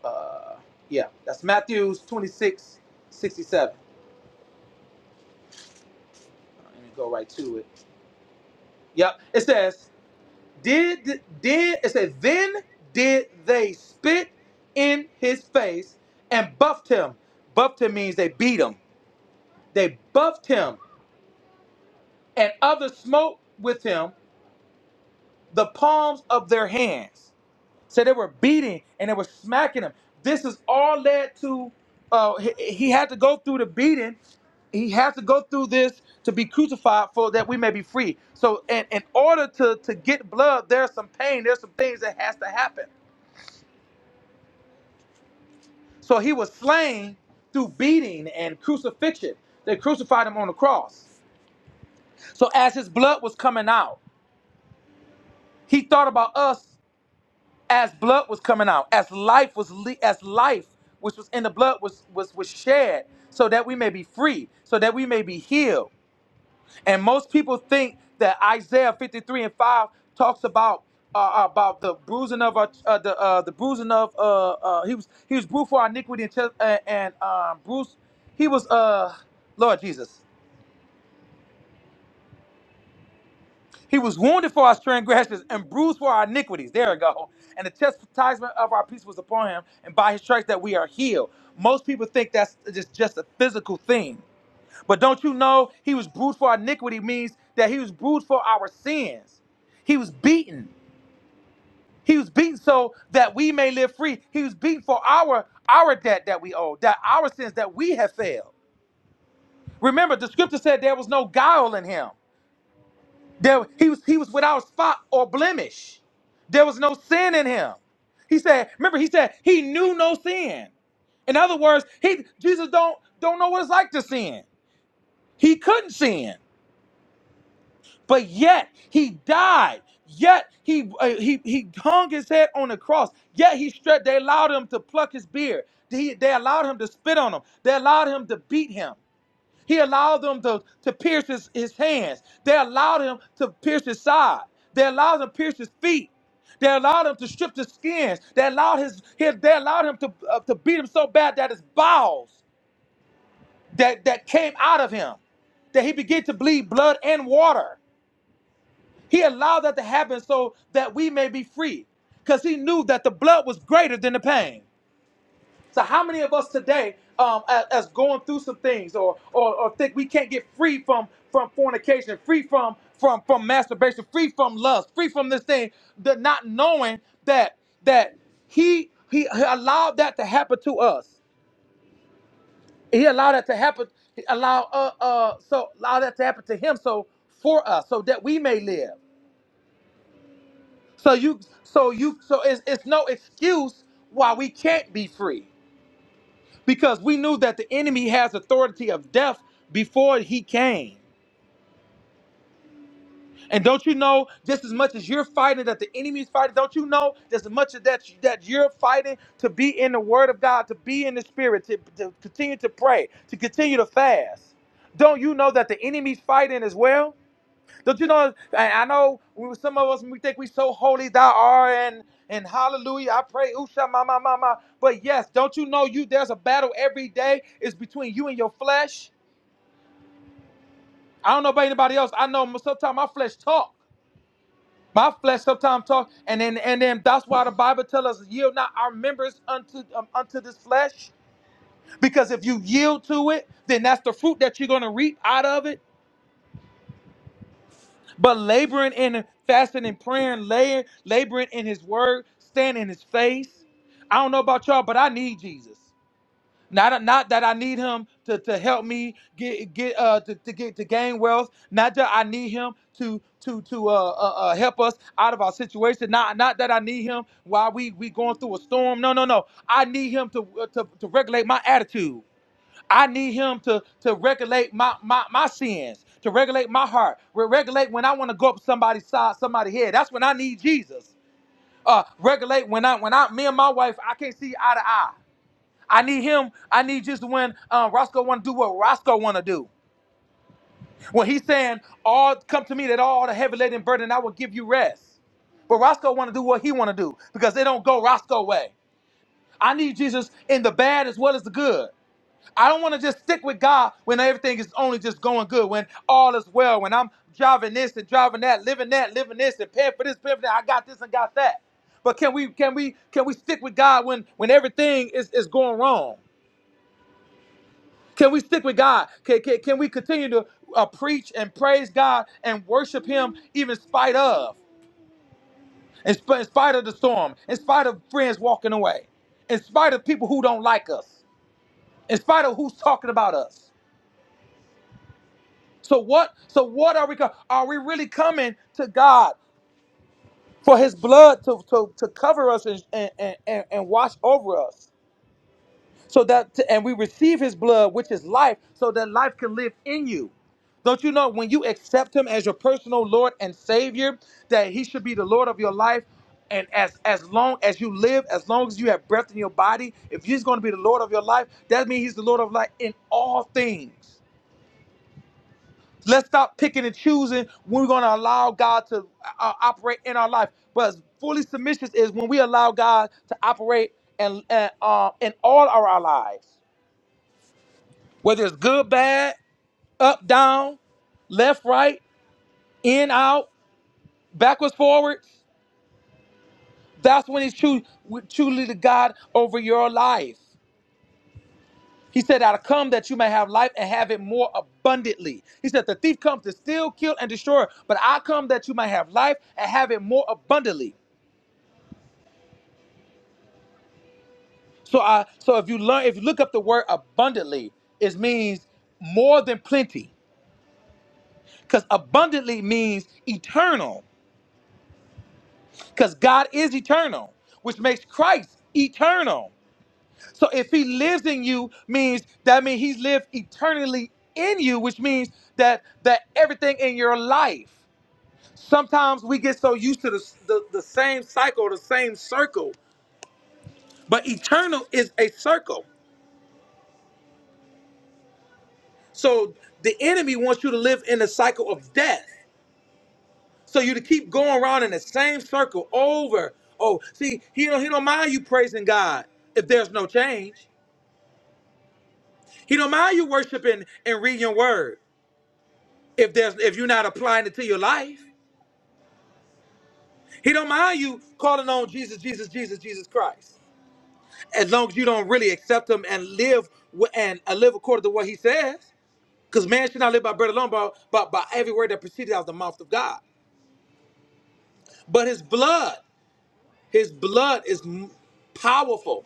[SPEAKER 3] Uh, yeah, that's Matthew's 26, 67. Let me go right to it. Yep, it says. did did it said then did they spit in his face and buffed him buffed him means they beat him they buffed him and others smote with him the palms of their hands so they were beating and they were smacking him this is all led to uh he, he had to go through the beating he had to go through this to be crucified for that we may be free so and in order to to get blood there's some pain there's some things that has to happen So he was slain through beating and crucifixion. They crucified him on the cross. So as his blood was coming out, he thought about us as blood was coming out, as life was le- as life which was in the blood was was was shed, so that we may be free, so that we may be healed. And most people think that Isaiah 53 and 5 talks about uh, uh, about the bruising of our, uh, the uh, the bruising of uh, uh, he was he was bruised for our iniquity and, chest, uh, and um, bruised he was uh Lord Jesus he was wounded for our transgressions and bruised for our iniquities there we go and the chastisement of our peace was upon him and by his stripes that we are healed most people think that's just just a physical thing But don't you know he was bruised for our iniquity means that he was bruised for our sins. He was beaten. He was beaten so that we may live free. He was beaten for our our debt that we owe, that our sins that we have failed. Remember, the scripture said there was no guile in him. There, he was he was without spot or blemish. There was no sin in him. He said, remember, he said he knew no sin. In other words, he Jesus don't don't know what it's like to sin. He couldn't sin. but yet he died. Yet he uh, he he hung his head on the cross. Yet he stretched. They allowed him to pluck his beard. They, they allowed him to spit on him. They allowed him to beat him. He allowed them to, to pierce his, his hands. They allowed him to pierce his side. They allowed him to pierce his feet. They allowed him to strip the skins. They allowed his, his they allowed him to uh, to beat him so bad that his bowels that that came out of him, that he began to bleed blood and water. He allowed that to happen so that we may be free because he knew that the blood was greater than the pain. So, how many of us today, um, as, as going through some things, or, or or think we can't get free from from fornication, free from from from masturbation, free from lust, free from this thing, the not knowing that that he he allowed that to happen to us. He allowed that to happen. Allow uh uh so allow that to happen to him. So for us, so that we may live. So you, so you, so it's, it's no excuse why we can't be free because we knew that the enemy has authority of death before he came. And don't you know, just as much as you're fighting that the enemy's fighting, don't you know, just as much as that that you're fighting to be in the Word of God, to be in the Spirit, to, to continue to pray, to continue to fast. Don't you know that the enemy's fighting as well? Don't you know? I I know we, some of us we think we so holy thou art and and hallelujah. I pray usha ma ma ma ma. But yes, don't you know you there's a battle every day It's between you and your flesh. I don't know about anybody else. I know sometimes my flesh talk. My flesh sometimes talk, and then and then that's why the Bible tells us yield not our members unto um, unto this flesh, because if you yield to it, then that's the fruit that you're gonna reap out of it. But laboring and fasting and praying, laying, laboring in his word, standing in his face. I don't know about y'all, but I need Jesus. Not, not that I need him to, to help me get get uh to, to get to gain wealth. Not that I need him to to to uh, uh uh, help us out of our situation. Not not that I need him while we we going through a storm. No no no. I need him to uh, to, to regulate my attitude. I need him to, to regulate my, my, my sins, to regulate my heart, re- regulate when I want to go up somebody's side, somebody's head. That's when I need Jesus. Uh, regulate when I when I me and my wife I can't see eye to eye. I need him. I need Jesus when um, Roscoe want to do what Roscoe want to do. When he's saying, "All come to me that all the heavy laden burden, I will give you rest." But Roscoe want to do what he want to do because they don't go Roscoe way. I need Jesus in the bad as well as the good. I don't want to just stick with God when everything is only just going good, when all is well, when I'm driving this and driving that, living that, living this, and paying for this, paying for that. I got this and got that. But can we can we can we stick with God when when everything is, is going wrong? Can we stick with God? Can, can, can we continue to uh, preach and praise God and worship Him even in spite of, in, sp- in spite of the storm, in spite of friends walking away, in spite of people who don't like us, in spite of who's talking about us? So what? So what are we? co- Are we really coming to God for His blood to to, to cover us and and, and and watch over us, so that and we receive His blood, which is life, so that life can live in you. Don't you know when you accept Him as your personal Lord and Savior, that He should be the Lord of your life, and as as long as you live, as long as you have breath in your body, if He's going to be the Lord of your life, that means He's the Lord of life in all things. Let's stop picking and choosing when we're going to allow God to uh, operate in our life. But fully submission is when we allow God to operate and, and uh, in all of our lives, whether it's good, bad, up, down, left, right, in, out, backwards, forward. That's when He's true, truly the God over your life. He said, "I'll come that you may have life and have it more abundantly." He said, "The thief comes to steal, kill, and destroy, but I come that you may have life and have it more abundantly." So I so if you learn if you look up the word abundantly, it means more than plenty. Because abundantly means eternal. Because God is eternal, which makes Christ eternal. So if he lives in you, means that means he lived eternally in you, which means that that everything in your life. Sometimes we get so used to the, the, the same cycle, the same circle, but eternal is a circle. So the enemy wants you to live in the cycle of death. So you to keep going around in the same circle over. Oh, see, he don't he don't mind you praising God if there's no change. He don't mind you worshiping and reading your word if there's if you're not applying it to your life. He don't mind you calling on Jesus, Jesus, Jesus, Jesus Christ. As long as you don't really accept him and live wi- and uh, live according to what he says. Because man should not live by bread alone, but, but by every word that proceeded out of the mouth of God. But his blood, his blood is m- powerful.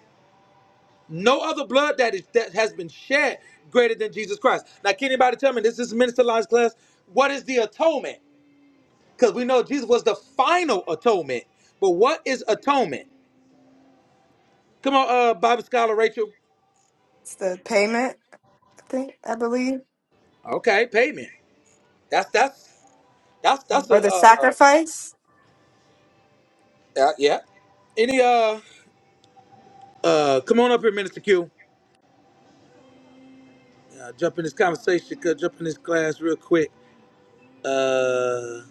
[SPEAKER 3] No other blood that is that has been shed greater than Jesus Christ. Now, can anybody tell me this is minister lines class? What is the atonement? Because we know Jesus was the final atonement. But what is atonement? Come on, uh, Bible scholar Rachel.
[SPEAKER 2] It's the payment. I think I believe
[SPEAKER 3] Okay, payment. That's that's that's that's a
[SPEAKER 2] or the
[SPEAKER 3] uh, uh,
[SPEAKER 2] sacrifice.
[SPEAKER 3] uh, yeah. Any uh uh come on up here, Minister Q. Uh, jump in this conversation, uh, jump in this class real quick. Uh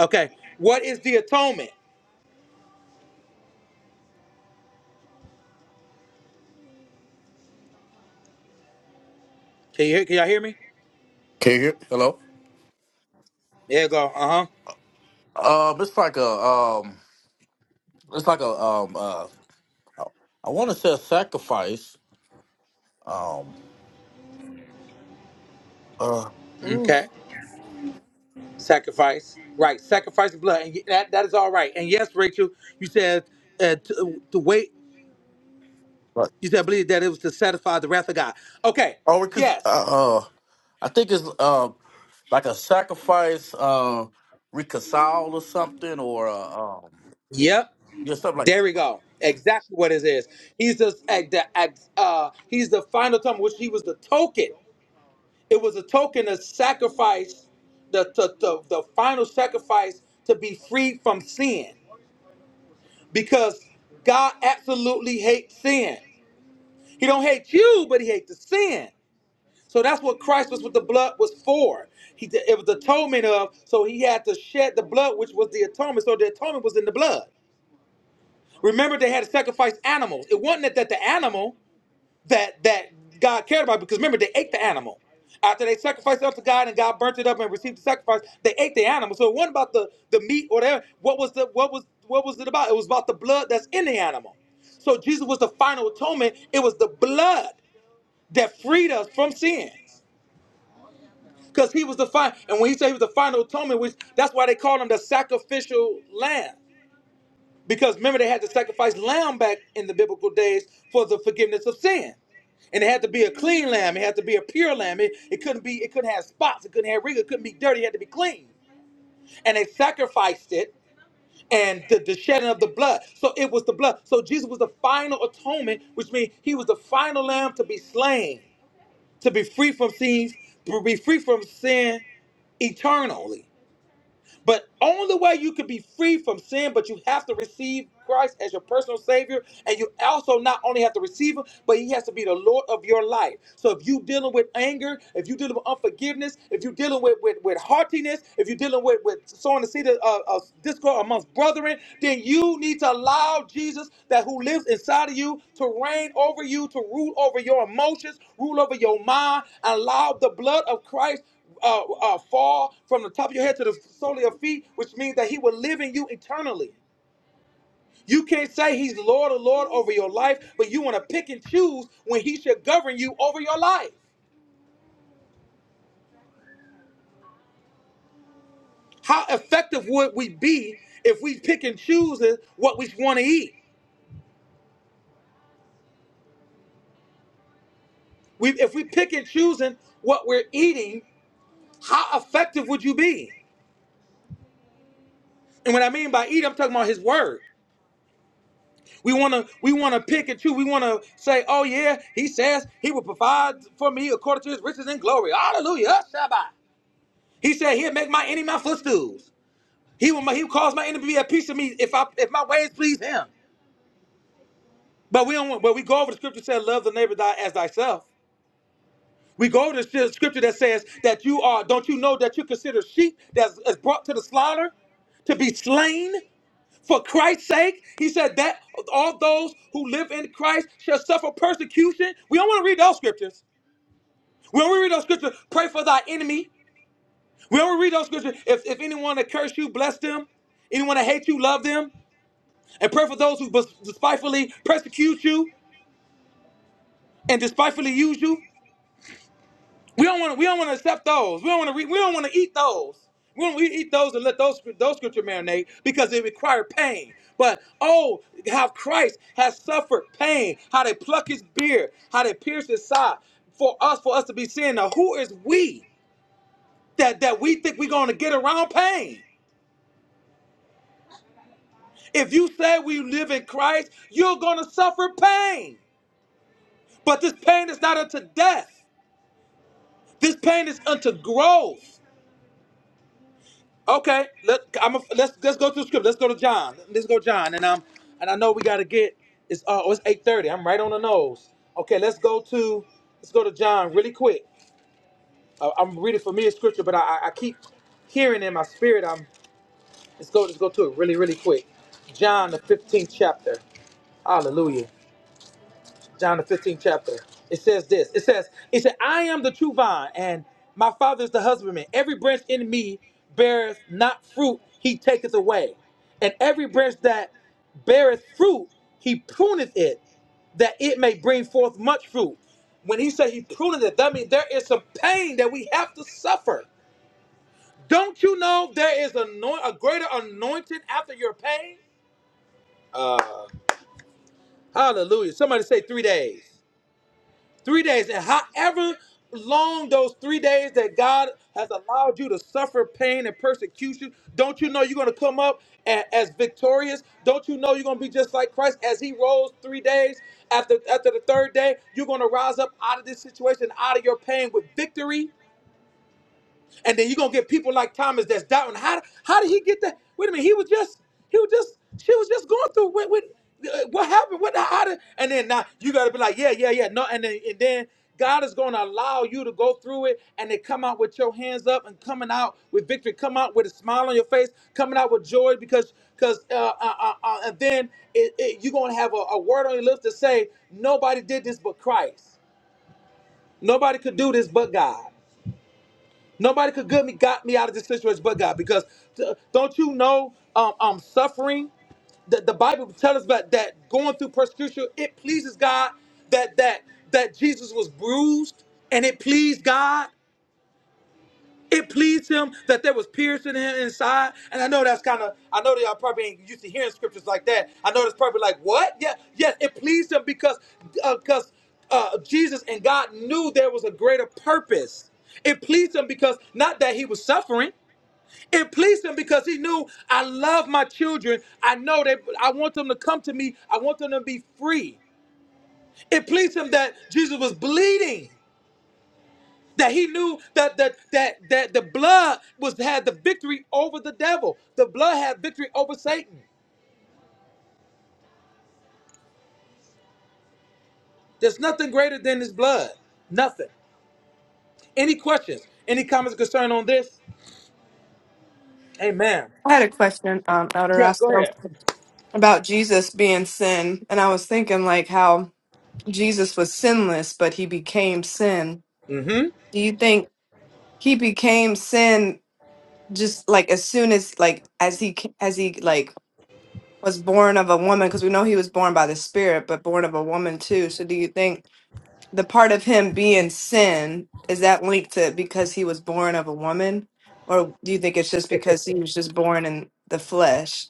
[SPEAKER 3] okay. What is the atonement? Can you hear, can y'all hear me?
[SPEAKER 5] Can you hear? Hello.
[SPEAKER 3] There you go. Uh huh.
[SPEAKER 5] Um, it's like a um, it's like a um, uh, I want to say a sacrifice. Um, uh, ooh,
[SPEAKER 3] Okay. Sacrifice. Right. Sacrifice of blood. And that, that is all right. And yes, Rachel, you said uh, to, uh, to wait.
[SPEAKER 5] but-
[SPEAKER 3] You said, I believe that it was to satisfy the wrath of God. Okay.
[SPEAKER 5] oh, because
[SPEAKER 3] Yes.
[SPEAKER 5] uh, uh, I think it's uh, like a sacrifice, uh, reconcile or something, or uh, um,
[SPEAKER 3] Yep.
[SPEAKER 5] yeah, something like
[SPEAKER 3] There we go. Exactly what it is. He's the, at the at, uh, he's the final time, which he was the token. It was a token of sacrifice, the, the, the, the final sacrifice to be freed from sin because God absolutely hates sin. He don't hate you, but he hates the sin. So that's what Christ was with the blood was for. He it was the atonement of. So he had to shed the blood, which was the atonement. So the atonement was in the blood. Remember, they had to sacrifice animals. It wasn't that, the animal that that God cared about, because remember they ate the animal. After they sacrificed it up to God and God burnt it up and received the sacrifice, they ate the animal. So it wasn't about the the meat or whatever. What was the what was what was it about? It was about the blood that's in the animal. So Jesus was the final atonement. It was the blood that freed us from sin. Because he was the final, and when he said he was the final atonement, which that's why they called him the sacrificial lamb. Because remember, they had to sacrifice lamb back in the biblical days for the forgiveness of sin. And it had to be a clean lamb, it had to be a pure lamb. It, it couldn't be, it couldn't have spots, it couldn't have wrinkles, it couldn't be dirty, it had to be clean. And they sacrificed it and the, the shedding of the blood. So it was the blood. So Jesus was the final atonement, which means he was the final lamb to be slain to be free from sins, to be free from sin eternally. But only way you can be free from sin, but you have to receive Christ as your personal Savior, and you also not only have to receive Him, but He has to be the Lord of your life. So if you dealing with anger, if you dealing with unforgiveness, if you dealing with with, with heartiness, if you dealing with with sowing the seed of, of of discord amongst brethren, then you need to allow Jesus, that who lives inside of you, to reign over you, to rule over your emotions, rule over your mind, allow the blood of Christ uh, uh, fall from the top of your head to the sole of your feet, which means that He will live in you eternally. You can't say He's Lord or Lord over your life, but you want to pick and choose when He should govern you over your life. How effective would we be if we pick and choosing what we want to eat? We, if we pick and choosing what we're eating, how effective would you be? And what I mean by eat, I'm talking about His Word. We want to we want to pick and choose. We want to say, "Oh yeah, he says he will provide for me according to his riches and glory." Hallelujah, Shabbat. He said he'll make my enemy my footstools. He will he will cause my enemy to be a piece of me if I if my ways please him. But we don't. But we go over the scripture that says, "Love the neighbor thy, as thyself." We go to the scripture that says that you are. Don't you know that you consider sheep that's, that's brought to the slaughter to be slain? For Christ's sake, he said that all those who live in Christ shall suffer persecution. We don't want to read those scriptures. We don't want to read those scriptures. Pray for thy enemy. We don't want to read those scriptures. If, if anyone that curse you, bless them. Anyone that hate you, love them. And pray for those who bes- despitefully persecute you and despitefully use you. We don't want to. We don't want to accept those. We don't want to. Re- we don't want to eat those. We don't we eat those and let those those scripture marinate because they require pain. But oh, how Christ has suffered pain, how they pluck his beard, how they pierce his side for us, for us to be sin. Now, who is we that that we think we're going to get around pain? If you say we live in Christ, you're going to suffer pain. But this pain is not unto death. This pain is unto growth. Okay, let I'm a, let's let's go to the script. Let's go to John. Let's go to John. And um and I know we gotta get it's uh oh, it's eight thirty. I'm right on the nose. Okay, let's go to let's go to John really quick. Uh, I'm reading familiar scripture, but I, I I keep hearing in my spirit. I'm let's go let's go to it really really quick. John the fifteenth chapter. Hallelujah. John the 15th chapter. It says this. It says, It said, I am the true vine, and my father is the husbandman. Every branch in me beareth not fruit, he taketh away. And every branch that beareth fruit, he pruneth it, that it may bring forth much fruit. When he said he pruneth it, that means there is some pain that we have to suffer. Don't you know there is anoint- a greater anointing after your pain? Uh, hallelujah. Somebody say three days. Three days. And however long those three days that God has allowed you to suffer pain and persecution, don't you know you're going to come up a- as victorious? Don't you know you're going to be just like Christ as he rose three days? After, after the third day, you're going to rise up out of this situation, out of your pain with victory. And then you're gonna get people like Thomas that's doubting. How how did he get that? Wait a minute, he was just he was just she was just going through what what, uh, what happened? What how did and then now you gotta be like, yeah, yeah, yeah. No, and then and then God is gonna allow you to go through it and then come out with your hands up and coming out with victory, come out with a smile on your face, coming out with joy because because uh, uh, uh, uh, and then it, it, you're gonna have a, a word on your lips to say, nobody did this but Christ. Nobody could do this but God. Nobody could get me got me out of this situation but God. Because uh, don't you know um, um suffering? The, the Bible tells us about that going through persecution, it pleases God that that that Jesus was bruised and it pleased God. It pleased him that there was piercing him inside. And I know that's kind of, I know that y'all probably ain't used to hearing scriptures like that. I know that's probably like, what? Yeah, yes, it pleased him because uh, because uh, Jesus and God knew there was a greater purpose. It pleased him because not that he was suffering. It pleased him because he knew I love my children. I know they I want them to come to me. I want them to be free. It pleased him that Jesus was bleeding that he knew that that that that the blood was had the victory over the devil. The blood had victory over Satan. There's nothing greater than his blood. Nothing. Any questions? Any comments or concern on this? Amen.
[SPEAKER 2] I had a question, um, Elder
[SPEAKER 3] Yeah, go
[SPEAKER 2] Roscoe,
[SPEAKER 3] ahead.
[SPEAKER 2] about Jesus being sin, and I was thinking like how Jesus was sinless, but he became sin.
[SPEAKER 3] Mm-hmm.
[SPEAKER 2] Do you think he became sin just like as soon as like as he ca- as he like was born of a woman? Because we know he was born by the Spirit, but born of a woman too. So do you think the part of him being sin is that linked to because he was born of a woman, or do you think it's just because he was just born in the flesh?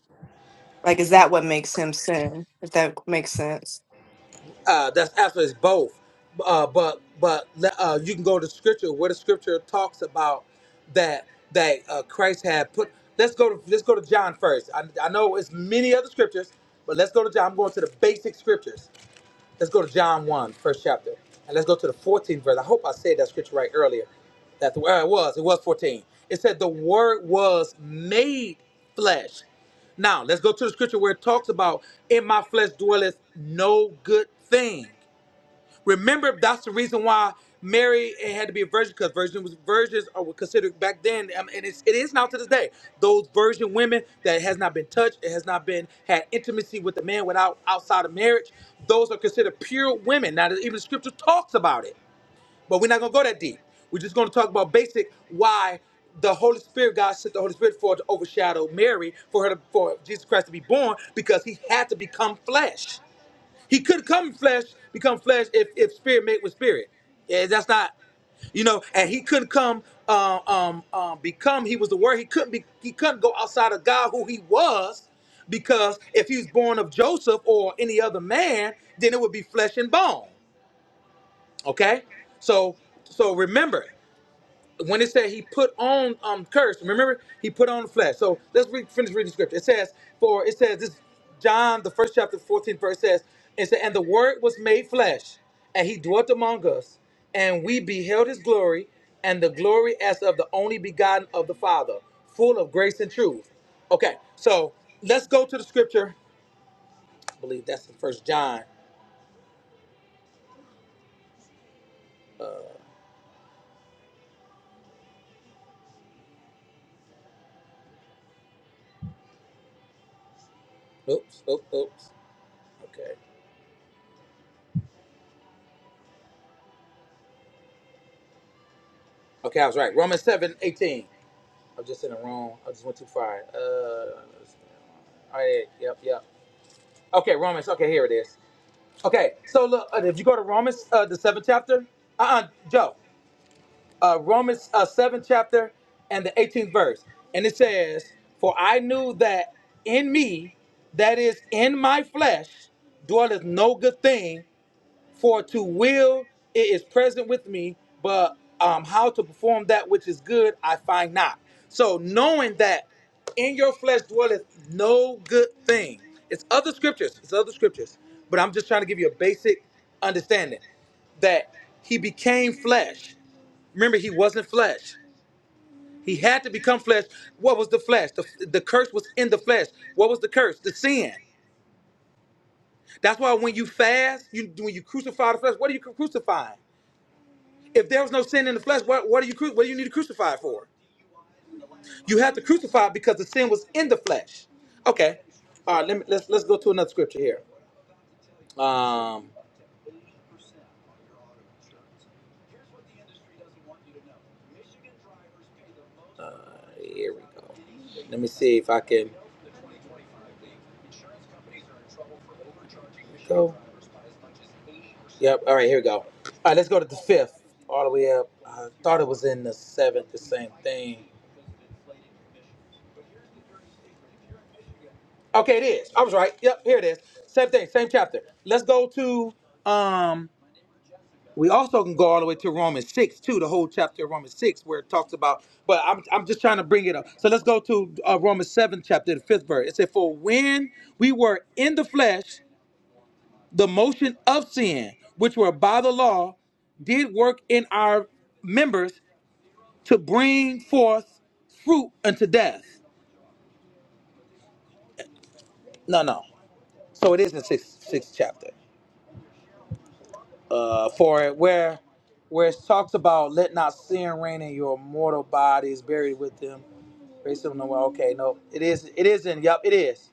[SPEAKER 2] Like, is that what makes him sin? If that makes sense.
[SPEAKER 3] Uh, that's actually it's both. Uh, but but uh, you can go to scripture where the scripture talks about that that uh, Christ had put. Let's go to let's go to John first. I, I know it's many other scriptures, but let's go to John. I'm going to the basic scriptures. Let's go to John one, first chapter. And let's go to the 14th verse. I hope I said that scripture right earlier. That the uh, it was, it was 14. It said the word was made flesh. Now let's go to the scripture where it talks about in my flesh dwelleth no good thing. Remember, that's the reason why Mary had to be a virgin because virgin was virgins are were considered back then, um, and it's, it is now to this day. Those virgin women that has not been touched, it has not been had intimacy with a man without outside of marriage. Those are considered pure women. Now, even the scripture talks about it, but we're not gonna go that deep. We're just gonna talk about basic why the Holy Spirit, God sent the Holy Spirit for to overshadow Mary, for her to, for Jesus Christ to be born, because He had to become flesh. He could come flesh, become flesh if, if spirit mate with spirit. Yeah, that's not, you know, and he couldn't come um, um, um, become, he was the word. He couldn't be he couldn't go outside of God who he was, because if he was born of Joseph or any other man, then it would be flesh and bone. Okay? So so remember when it said he put on um curse, remember he put on the flesh. So let's read, finish reading the scripture. It says, for it says this John the first chapter, 14th verse says, it said, and the word was made flesh, and he dwelt among us, and we beheld his glory, and the glory as of the only begotten of the Father, full of grace and truth. Okay, so let's go to the scripture. I believe that's the first John. Oops, oops, oops. Okay. Okay, I was right. Romans 7 18. I'm just in the wrong. I just went too far. Uh, all right, yep, yep. Okay, Romans. Okay, here it is. Okay, so look, uh, if you go to Romans, uh, the seventh chapter, uh, uh Joe, uh, Romans uh, seventh chapter and the 18th verse, and it says, "For I knew that in me, that is in my flesh, dwelleth no good thing, for to will it is present with me, but um, how to perform that which is good I find not. So knowing that in your flesh dwelleth no good thing. It's other scriptures. It's other scriptures. But I'm just trying to give you a basic understanding that he became flesh. Remember, he wasn't flesh. He had to become flesh. What was the flesh? The, the curse was in the flesh. What was the curse? The sin. That's why when you fast, you when you crucify the flesh, what are you crucifying? If there was no sin in the flesh, what, what, do you, what do you need to crucify it for? You have to crucify it because the sin was in the flesh. Okay. All right, let me, let's, let's go to another scripture here. Um, uh, here we go. Let me see if I can go. Yep. All right, here we go. All right, let's go to the fifth, all the way up. I thought it was in the seventh, the same thing. Okay, it is. I was right. Yep, here it is. Same thing, same chapter. Let's go to um We also can go all the way to Romans 6, too, the whole chapter of Romans 6, where it talks about, but I'm, I'm just trying to bring it up. So let's go to uh, Romans 7, chapter, the fifth verse. It said, For when we were in the flesh, the motion of sin, which were by the law, did work in our members to bring forth fruit unto death. No, no. So it is in sixth, sixth chapter. Uh, for where where it talks about let not sin reign in your mortal bodies buried with them Racism no more. Okay, no, it is. It is in. Yup, it is.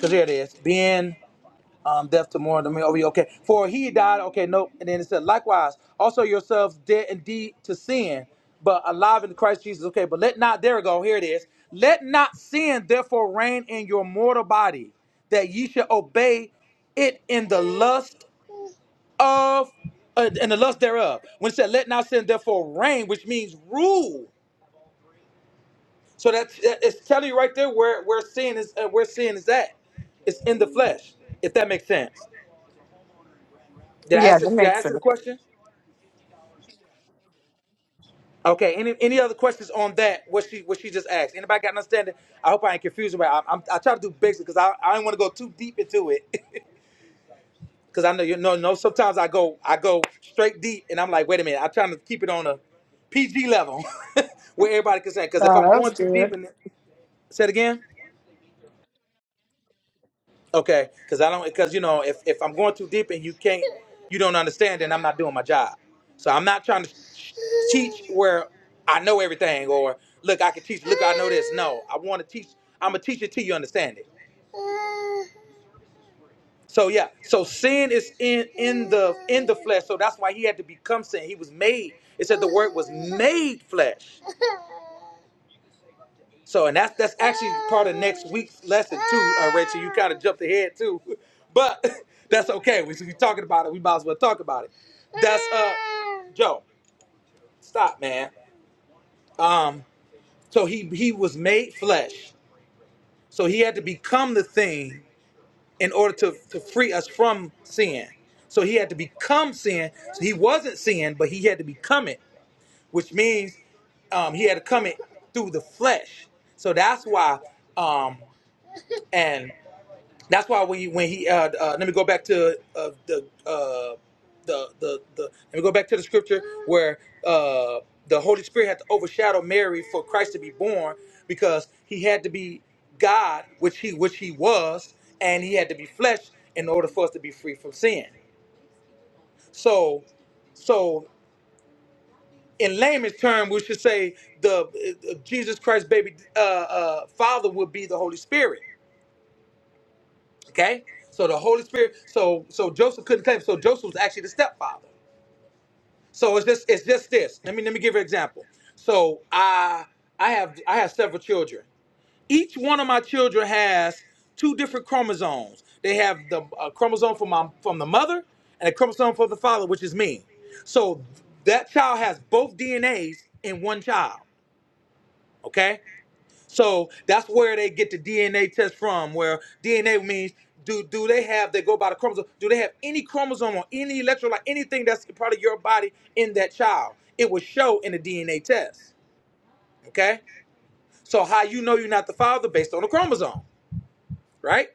[SPEAKER 3] Cause here it is. Being um, deaf to more than me. Oh, yeah, okay. For he died. Okay, nope. And then it said, likewise, also yourselves dead indeed to sin, but alive in Christ Jesus. Okay, but let not. There we go. Here it is. Let not sin therefore reign in your mortal body, that ye should obey it in the lust of, uh, in the lust thereof. When it said, let not sin therefore reign, which means rule So that's that- it's telling you right there where where sin is uh, where sin is at. It's in the flesh, if that makes sense. Did I
[SPEAKER 2] Yeah,
[SPEAKER 3] answer
[SPEAKER 2] that
[SPEAKER 3] did I
[SPEAKER 2] makes
[SPEAKER 3] answer
[SPEAKER 2] sense.
[SPEAKER 3] the question? Okay. Any any other questions on that? What she what she just asked? Anybody got an understanding? I hope I ain't confusing. But I, I'm I try to do basic because I I don't want to go too deep into it [LAUGHS] because I know you know no. Sometimes I go I go straight deep and I'm like wait a minute. I'm trying to keep it on a PG level [LAUGHS] where everybody can say because
[SPEAKER 2] No,
[SPEAKER 3] if I'm
[SPEAKER 2] that was
[SPEAKER 3] going too deep
[SPEAKER 2] good.
[SPEAKER 3] in it, say it again. Okay, because I don't because you know if if I'm going too deep and you can't you don't understand then I'm not doing my job. So I'm not trying to teach where I know everything or look I can teach look I know this. No, I want to teach. I'm a teacher till you understand it. So yeah, so sin is in in the in the flesh. So that's why he had to become sin. He was made. It said the word was made flesh. So, and that's that's actually part of next week's lesson too, uh, Rachel. You kind of jumped ahead too, [LAUGHS] but [LAUGHS] that's okay. We we talking about it. We might as well talk about it. That's uh, Joe. Stop, man. Um, so he he was made flesh. So he had to become the thing in order to to free us from sin. So he had to become sin. So he wasn't sin, but he had to become it, which means um, he had to come it through the flesh. So that's why. Um, and. That's why when you, when he uh, uh, let me go back to uh, the uh, the the the let me go back to the scripture where uh, the Holy Spirit had to overshadow Mary for Christ to be born because he had to be God, which he which he was, and he had to be flesh in order for us to be free from sin. So, so in layman's term, we should say the uh, uh, Jesus Christ baby uh, uh, father would be the Holy Spirit Okay? So the Holy Spirit, so so Joseph couldn't claim. So Joseph was actually the stepfather. So it's just it's just this. Let me let me give you an example. So I I have I have several children. Each one of my children has two different chromosomes. They have the a chromosome from my from the mother and a chromosome from the father, which is me. So that child has both DNAs in one child. Okay? So that's where they get the DNA test from, where DNA means do do they have they go by the chromosome? Do they have any chromosome or any electrolyte, anything that's part of your body in that child? It will show in the DNA test. Okay? So how you know you're not the father based on the chromosome, right?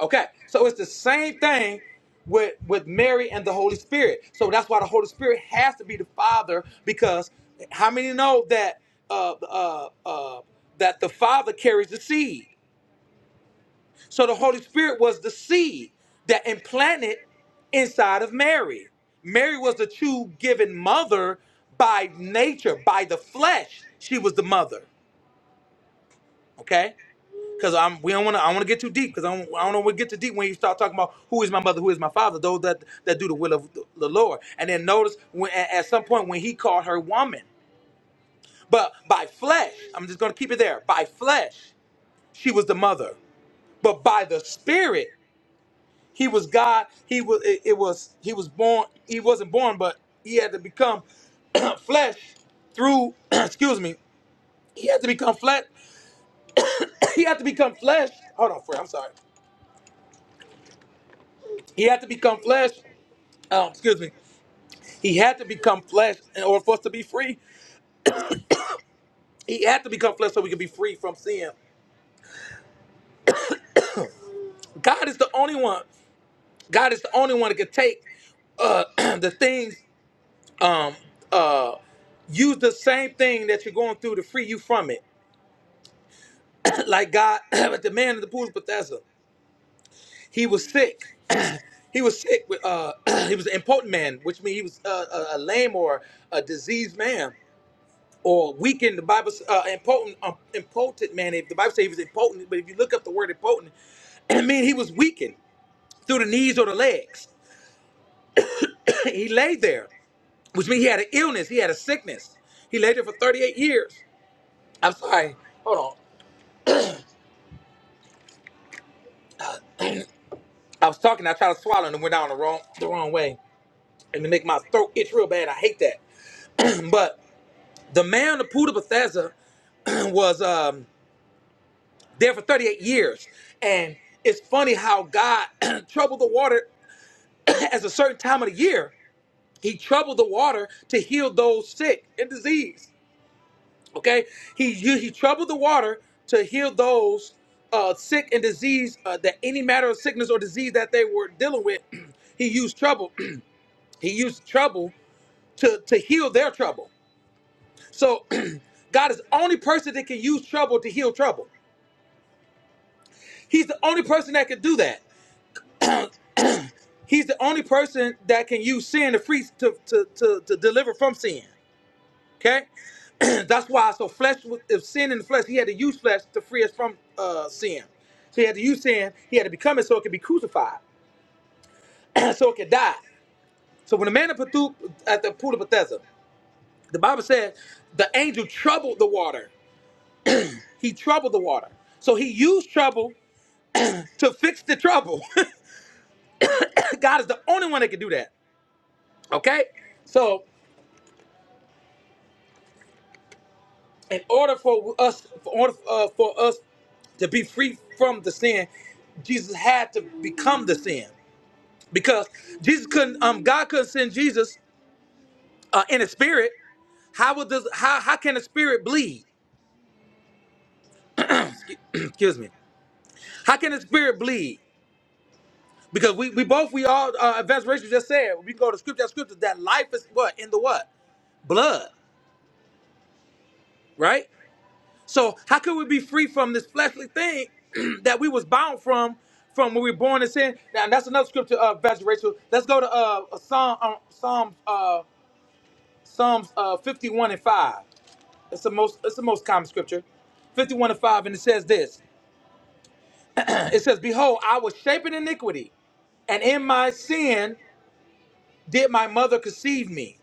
[SPEAKER 3] Okay. So it's the same thing with with Mary and the Holy Spirit. So that's why the Holy Spirit has to be the Father because how many know that uh uh uh that the Father carries the seed? So the Holy Spirit was the seed that implanted inside of Mary. Mary was the true given mother by nature, by the flesh. She was the mother. Okay? Because I'm we don't want to I don't want to get too deep because I don't, I don't want to get too deep when you start talking about who is my mother, who is my father, those that that do the will of the the Lord. And then notice when at at some point when he called her woman. But by flesh, I'm just going to keep it there. By flesh, she was the mother. But by the spirit, He was God. He was it, it was he was born. He wasn't born, but he had to become [CLEARS THROAT] flesh through [CLEARS THROAT] excuse me. He had to become flesh. [COUGHS] He had to become flesh. Hold on, Fred. I'm sorry. He had to become flesh. Um, excuse me. He had to become flesh in order for us to be free. He had to become flesh so we could be free from sin. God is the only one. God is the only one that can take uh, [CLEARS THROAT] the things um, uh, use the same thing that you're going through to free you from it. [COUGHS] like God, [CLEARS THROAT] but the man in the pool of Bethesda, he was sick. He was sick. With, uh, [COUGHS] [CLEARS THROAT] he was an impotent man, which means he was uh, a, a lame or a diseased man or weakened. The Bible, uh, impotent, um, impotent man. If the Bible says he was impotent, but if you look up the word impotent, [COUGHS] [CLEARS THROAT] it means he was weakened through the knees or the legs. [COUGHS] [CLEARS THROAT] he lay there, which means he had an illness. He had a sickness. He lay there for 38 years. I'm sorry. Hold on. I was talking. I tried to swallow and it went down the wrong the wrong way, and it make my throat itch real bad. I hate that. But the man, the Poodle Bethesda, [CLEARS THROAT] was um, there for 38 years. And it's funny how God [CLEARS THROAT] troubled the water [CLEARS THROAT] as a certain time of the year. He troubled the water to heal those sick and diseased. Okay? He, he he troubled the water to heal those uh, sick and diseased, uh, that any matter of sickness or disease that they were dealing with, [CLEARS THROAT] he used trouble. [CLEARS THROAT] he used trouble to, to heal their trouble. So [CLEARS THROAT] God is the only person that can use trouble to heal trouble. He's the only person that can do that. He's the only person that can use sin to free to to to, to deliver from sin. Okay, [CLEARS THROAT] that's why. So flesh, was- if sin in the flesh, he had to use flesh to free us from uh, sin. So he had to use sin. He had to become it so it could be crucified, [CLEARS THROAT] so it could die. So when the man at Bethu- at the pool of Bethesda, the Bible says the angel troubled the water. He troubled the water. So he used trouble to fix the trouble. [LAUGHS] God is the only one that can do that. Okay, so. in order for us for order uh, for us to be free from the sin jesus had to become the sin because jesus couldn't um god couldn't send jesus uh, in a spirit how would this how how can a spirit bleed [CLEARS THROAT] excuse me how can a spirit bleed because we, we both we all uh advanced racial just said we can go to scripture that scripture that life is what in the what blood right So how could we be free from this fleshly thing [CLEARS THROAT] that we was bound from from when we were born in sin? Now that's another scripture, uh, Pastor Rachel. Let's go to uh, uh, Psalm, um, Psalms, uh, Psalms uh, fifty-one and five. It's the most, it's the most common scripture, fifty-one and five, and it says this. [CLEARS THROAT] It says, "Behold, I was shaped in iniquity, and in my sin did my mother conceive me."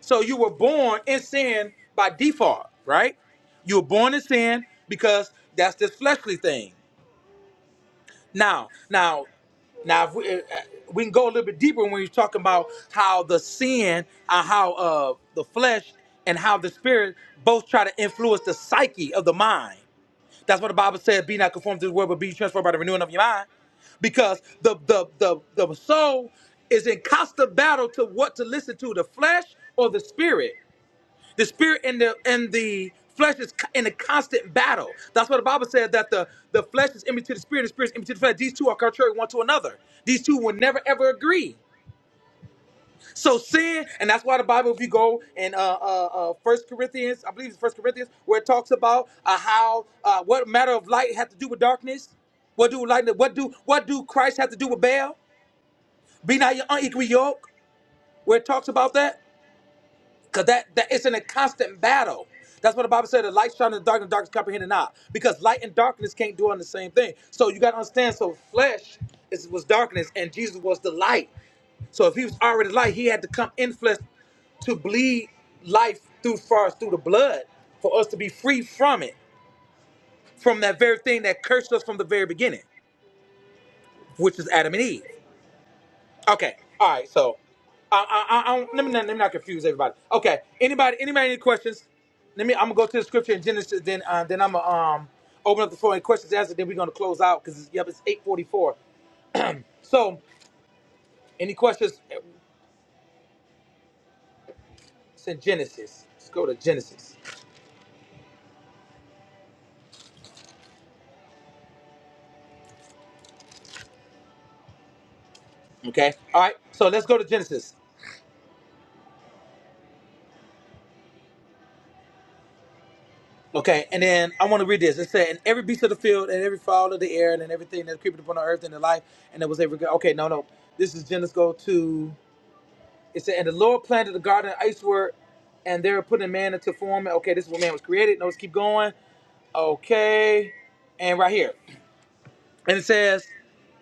[SPEAKER 3] So you were born in sin by default, right? You were born in sin because that's this fleshly thing. Now, now, now, if we, uh, uh, we can go a little bit deeper when you're talking about how the sin, uh, how uh, the flesh, and how the spirit both try to influence the psyche of the mind. That's what the Bible said: "Be not conformed to the world, but be transformed by the renewing of your mind." Because the the the the soul is in constant battle to what to listen to: the flesh or the spirit. The spirit and the and the flesh is co- in a constant battle. That's what the Bible said that the the flesh is enmity to the spirit, the spirit is enmity to the flesh. These two are contrary one to another. These two will never ever agree. So sin, and that's why the Bible, if you go in uh, uh, uh, First Corinthians, I believe it's First Corinthians, where it talks about uh, how uh, what matter of light had to do with darkness. What do light? What do what do Christ have to do with Baal? Be not your unequal yoke, where it talks about that. Because that, that it's in a constant battle. That's what the Bible said. The light shines in the dark, and the darkness comprehended not. Because light and darkness can't do on the same thing. So you got to understand. So flesh is, was darkness, and Jesus was the light. So if he was already light, he had to come in flesh to bleed life through far through the blood for us to be free from it, from that very thing that cursed us from the very beginning, which is Adam and Eve. Okay. All right. So, I, I, I, I let me not, let me not confuse everybody. Okay. Anybody? Anybody? Any questions? Let me. I'm gonna go to the scripture in Genesis. Then, uh, then I'm gonna um open up the floor and questions and answer. Then we're gonna close out because yep, it's 8:44. So, any questions? It's in Genesis. Let's go to Genesis. Okay. All right. So let's go to Genesis. Okay, and then I want to read this. It said, "And every beast of the field, and every fowl of the air, and then everything that creepeth upon the earth, and the life, and there was every." Okay, no, no. This is Genesis. Go to It said, and the Lord planted the garden iceberg, and they were putting man into form. Okay, this is where man was created. Now let's keep going. Okay, and right here, and it says,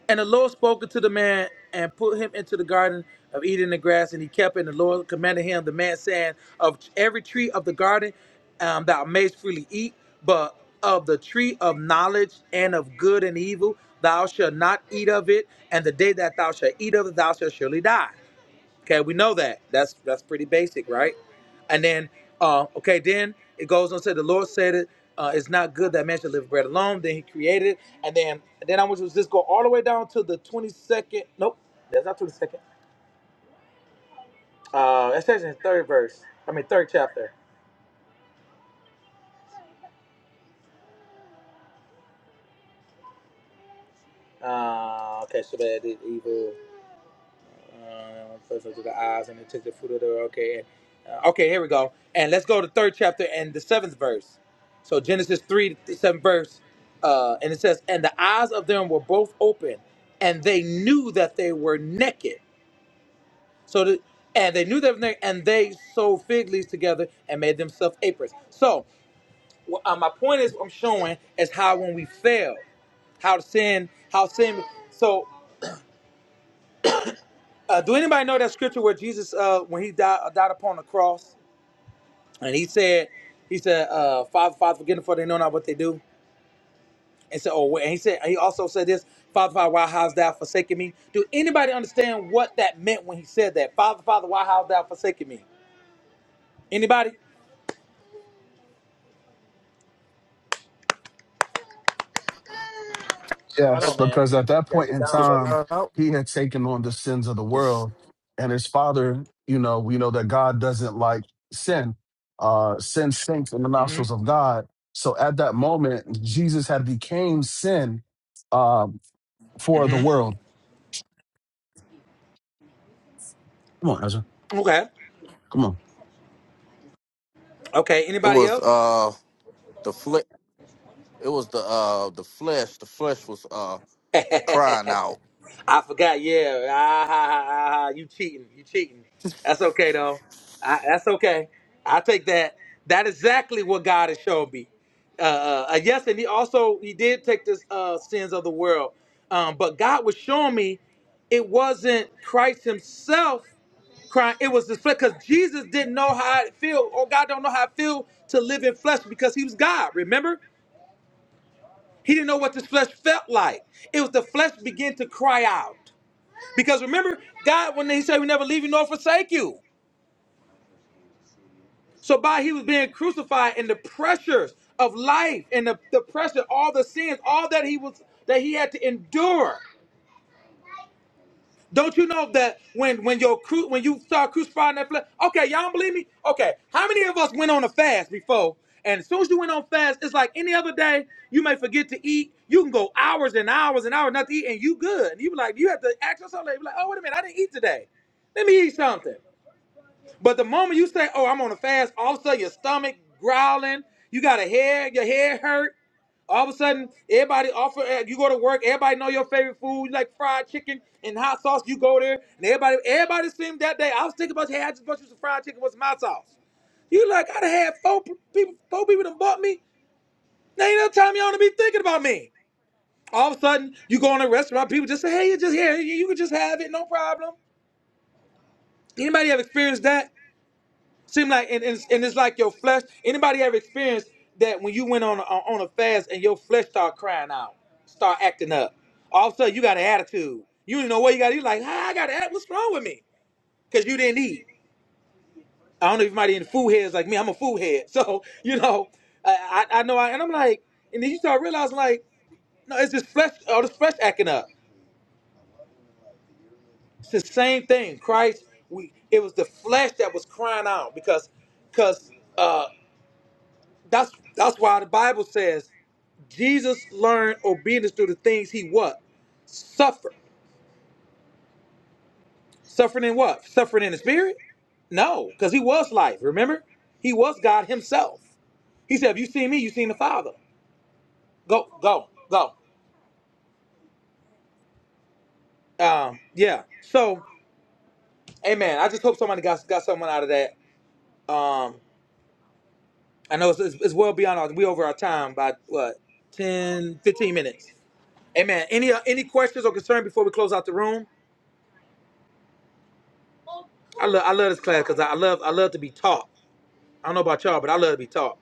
[SPEAKER 3] and the Lord spoke unto the man and put him into the garden of eating the grass, and he kept it. And the Lord commanded him, the man saying, of every tree of the garden um, thou mayst freely eat, but of the tree of knowledge and of good and evil thou shalt not eat of it, and the day that thou shalt eat of it thou shalt surely die. Okay, we know that. That's that's pretty basic, right? And then, uh, okay, then it goes on to say, the Lord said it. Uh, it's not good that man should live bread alone. Then He created it, and then and then I want you to just go all the way down to the twenty second. Nope, that's not twenty second. Uh, that's actually in the third verse. I mean, third chapter. Uh, okay, so bad did evil. Uh, first unto the eyes and into the fruit of the okay. Uh, okay, here we go. And let's go to third chapter and the seventh verse. So Genesis three the seventh verse, uh, and it says, "And the eyes of them were both open, and they knew that they were naked." So the and they knew that they were naked, and they sewed fig leaves together and made themselves aprons. So wh- uh, my point is, I'm showing is how when we fail, how sin, how sin. So Uh, do anybody know that scripture where Jesus, uh, when he died, uh, died upon the cross, and he said, he said, uh, Father, Father, forgive them for they know not what they do. And said, oh, and he said, he also said this, Father, Father, why hast thou forsaken me? Do anybody understand what that meant when he said that? Father, Father, why hast thou forsaken me? Anybody? I
[SPEAKER 4] Yes,
[SPEAKER 5] that.
[SPEAKER 3] don't, man.
[SPEAKER 4] because at that
[SPEAKER 3] You gotta
[SPEAKER 4] point
[SPEAKER 3] get
[SPEAKER 4] in
[SPEAKER 3] down,
[SPEAKER 5] Just
[SPEAKER 3] buddy.
[SPEAKER 4] time,
[SPEAKER 5] found out.
[SPEAKER 4] he had taken on the sins of the
[SPEAKER 5] It's-
[SPEAKER 4] world. And his father, you know, we know that God doesn't like sin. Uh, sin stinks in the nostrils
[SPEAKER 3] hmm
[SPEAKER 4] of God. So at that moment, Jesus had became sin um, for the world. Come on, Ezra.
[SPEAKER 3] Okay.
[SPEAKER 4] Come on.
[SPEAKER 3] Okay.
[SPEAKER 5] It
[SPEAKER 3] Anybody
[SPEAKER 5] was
[SPEAKER 3] else?
[SPEAKER 5] uh the flesh. It was the uh the flesh. The flesh was uh
[SPEAKER 3] [LAUGHS]
[SPEAKER 5] crying out.
[SPEAKER 3] I forgot. Yeah, ah, [LAUGHS] ha, ha, ha, ha. you cheating. You cheating. That's okay though. I, that's okay. I take that. That exactly what God has shown me. Uh, uh, uh, yes, and He also He did take the uh, sins of the world, um, but God was showing me it wasn't Christ Himself crying. It was the flesh because Jesus didn't know how it feel. Oh, God don't know how it feel to live in flesh because He was God. Remember, He didn't know what the flesh felt like. It was the flesh began to cry out. Because remember, God, when He said, "We never leave you nor forsake you," so by He was being crucified and the pressures of life and the, the pressure, all the sins, all that He was that He had to endure. Don't you know that when when your cru- when you start crucifying that flesh? Okay, y'all don't believe me? Okay, how many of us went on a fast before? And as soon as you went on fast, it's like any other day. You may forget to eat. You can go hours and hours and hours not to eat, and you good. And you be like, you have to ask yourself, like, you be like, oh wait a minute, I didn't eat today. Let me eat something. But the moment you say, "Oh, I'm on a fast," all of a sudden your stomach growling, you got a hair, your head hurt. All of a sudden, everybody offer. eh, You go to work, everybody know your favorite food, you like fried chicken and hot sauce. You go there, and everybody, everybody seemed that day. I was thinking about, hey, I just bought you some fried chicken with some hot sauce. You like, I'd had four people, four people done bought me. There ain't no time you ought to be thinking about me. All of a sudden, you go in a restaurant, people just say, hey, you just here, you, you can just have it, no problem. Anybody have experienced that? Seem like and, and, and it's like your flesh. Anybody ever experienced that when you went on a, on a fast and your flesh start crying out, start acting up? All of a sudden you got an attitude. You don't know what you got. You like, ah, I got to act. What's wrong with me? Because you didn't eat. I don't know if anybody in the food heads like me. I'm a food head, [LAUGHS] so you know, I I, I know. I, and I'm like, and then you start realizing like, no, it's just flesh. All this flesh acting up. It's the same thing. Christ, we it was the flesh that was crying out because because uh, that's that's why the Bible says. Jesus learned obedience through the things he what? Suffered. Suffering in what? Suffering in the spirit? No, because he was life, remember? He was God himself. He said, If you seen me, you seen the Father. Go, go, go. Um, yeah. So, amen. I just hope somebody got got someone out of that. Um, I know it's, it's, it's well beyond our, we over our time by what 10, 15 minutes. Amen. Any uh, any questions or concern before we close out the room? I love I love this class because I I love I love to be taught. I don't know about y'all, but I love to be taught.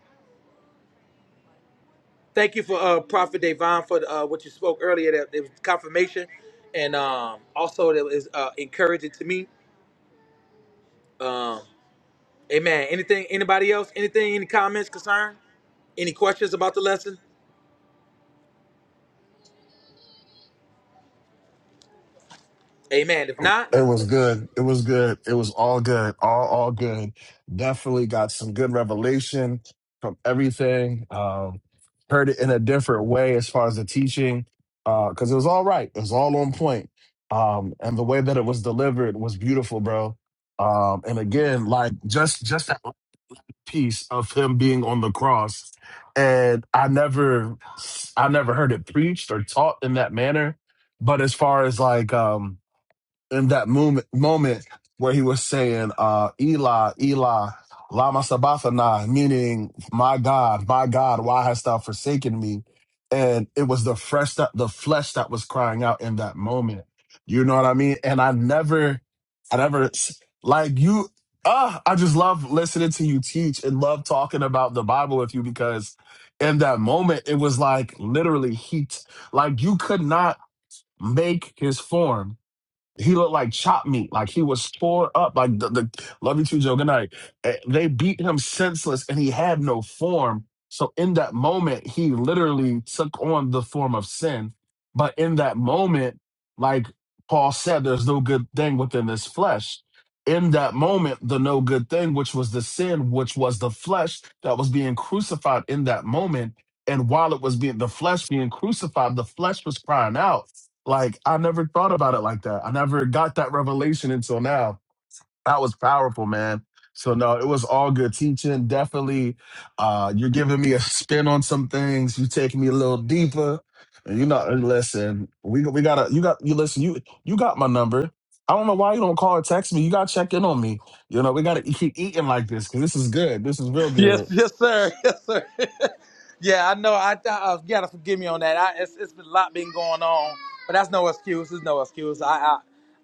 [SPEAKER 3] Thank you for uh, Prophet Davon for uh, what you spoke earlier. That it was confirmation, and um, also that was uh, encouraging to me. Um, amen. Anything? Anybody else? Anything? Any comments? Concern? Any questions about the lesson? Amen. If not,
[SPEAKER 4] It was good. It was good. It was all good. All all good. Definitely got some good revelation from everything. Um, heard it in a different way as far as the teaching, because it was all right. It was all on point. Um, and the way that it was delivered was beautiful, bro. Um, and again, like just just that piece of him being on the cross, and I never I never heard it preached or taught in that manner. But as far as like um in that moment moment where he was saying, uh, Eli, Eli, Lama Sabathana, meaning, My God, my God, why hast thou forsaken me? And it was the fresh that the flesh that was crying out in that moment. You know what I mean? And I never, I never like you. Ah, I just love listening to you teach and love talking about the Bible with you because in that moment it was like literally heat. Like you could not make his form. He looked like chopped meat, like he was tore up. Like the, the love you too, Joe. Good night. Eh, They beat him senseless, and he had no form. So in that moment, he literally took on the form of sin. But in that moment, like Paul said, there's no good thing within this flesh. In that moment, the no good thing, which was the sin, which was the flesh that was being crucified in that moment. And while it was being the flesh being crucified, the flesh was crying out like I never thought about it like that. I never got that revelation until now. That was powerful, man. So no, it was all good teaching. Definitely, uh, you're giving me a spin on some things. You taking me a little deeper. And you know, and listen, we we gotta you got you listen you you got my number. I don't know why you don't call or text me. You gotta check in on me. You know, we gotta keep eating like this because this is good. This is real
[SPEAKER 3] Yes,
[SPEAKER 4] good.
[SPEAKER 3] yes, sir. [LAUGHS] Yes, sir. [LAUGHS] Yeah, I know. I uh, you gotta forgive me on that. I, it's, it's been a lot been going on, but that's no excuse. It's no excuse. I, I,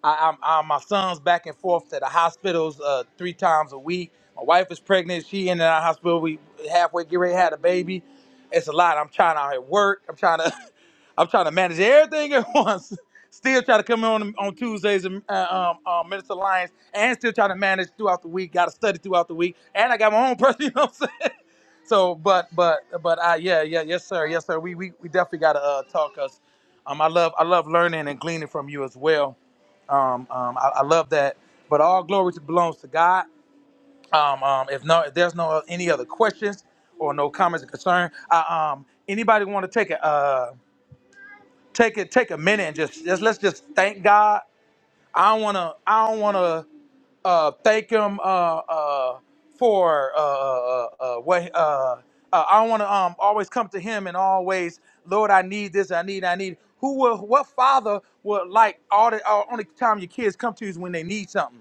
[SPEAKER 3] I I'm, i my son's back and forth to the hospitals uh, three times a week. My wife is pregnant. She in the hospital. We halfway get ready to have a baby. It's a lot. I'm trying out here work. I'm trying to, [LAUGHS] I'm trying to manage everything at [LAUGHS] once. Still try to come on on Tuesdays and uh, um, um, Minister Lions, and still trying to manage throughout the week. Got to study throughout the week, and I got my own person. [LAUGHS] You know what I'm saying? So, but, but, but, I yeah, yeah, yes, sir, yes, sir. We, we, we definitely gotta uh, talk, cause um, I love, I love learning and gleaning from you as well. Um, um, I, I love that. But all glory belongs to God. Um, um, if no, if there's no uh, any other questions or no comments or concern, I, um, anybody want to take a, uh, take it, take a minute and just, just let's just thank God. I don't wanna, I don't wanna uh, thank him uh, uh, for uh, uh, uh, uh, what uh, uh, I want to um, always come to him and always, Lord, I need this, I need, I need. Who will, what father would like all the all, only time your kids come to you is when they need something.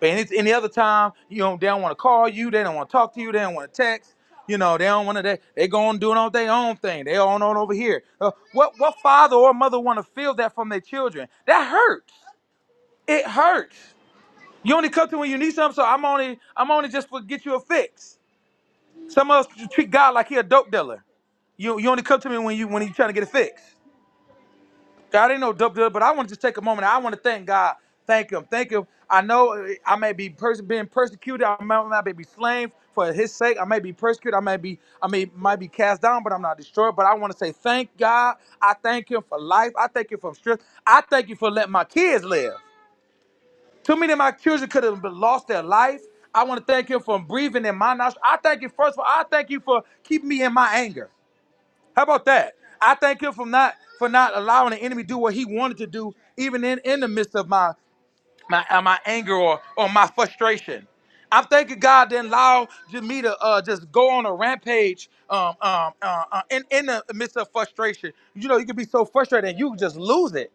[SPEAKER 3] But any, any other time, you know, they don't want to call you, they don't want to talk to you, they don't want to text. You know, they don't want to. They, they go on doing all their own thing. They on on over here. Uh, what what father or mother want to feel that from their children? That hurts. It hurts. You only come to when you need something, so I'm only I'm only just for get you a fix. Some of us treat God like he a dope dealer. You you only come to me when you when you trying to get a fix. God ain't no dope dealer, but I want to just take a moment. I want to thank God. Thank him. Thank him. I know uh, I may be pers- being persecuted. I may, I may be slain for his sake. I may be persecuted. I may be I may might be cast down, but I'm not destroyed. But I want to say thank God. I thank him for life. I thank you for strength. I thank you for letting my kids live. Too many of my children could have been lost their life. I want to thank him for breathing in my nostrils. I thank you first of all. I thank you for keeping me in my anger. How about that? I thank him for not for not allowing the enemy to do what he wanted to do, even in, in the midst of my my uh, my anger or or my frustration. I'm thanking God didn't allow j- me to uh, just go on a rampage um, um, uh, uh, in, in the midst of frustration. You know, you can be so frustrated and you just lose it.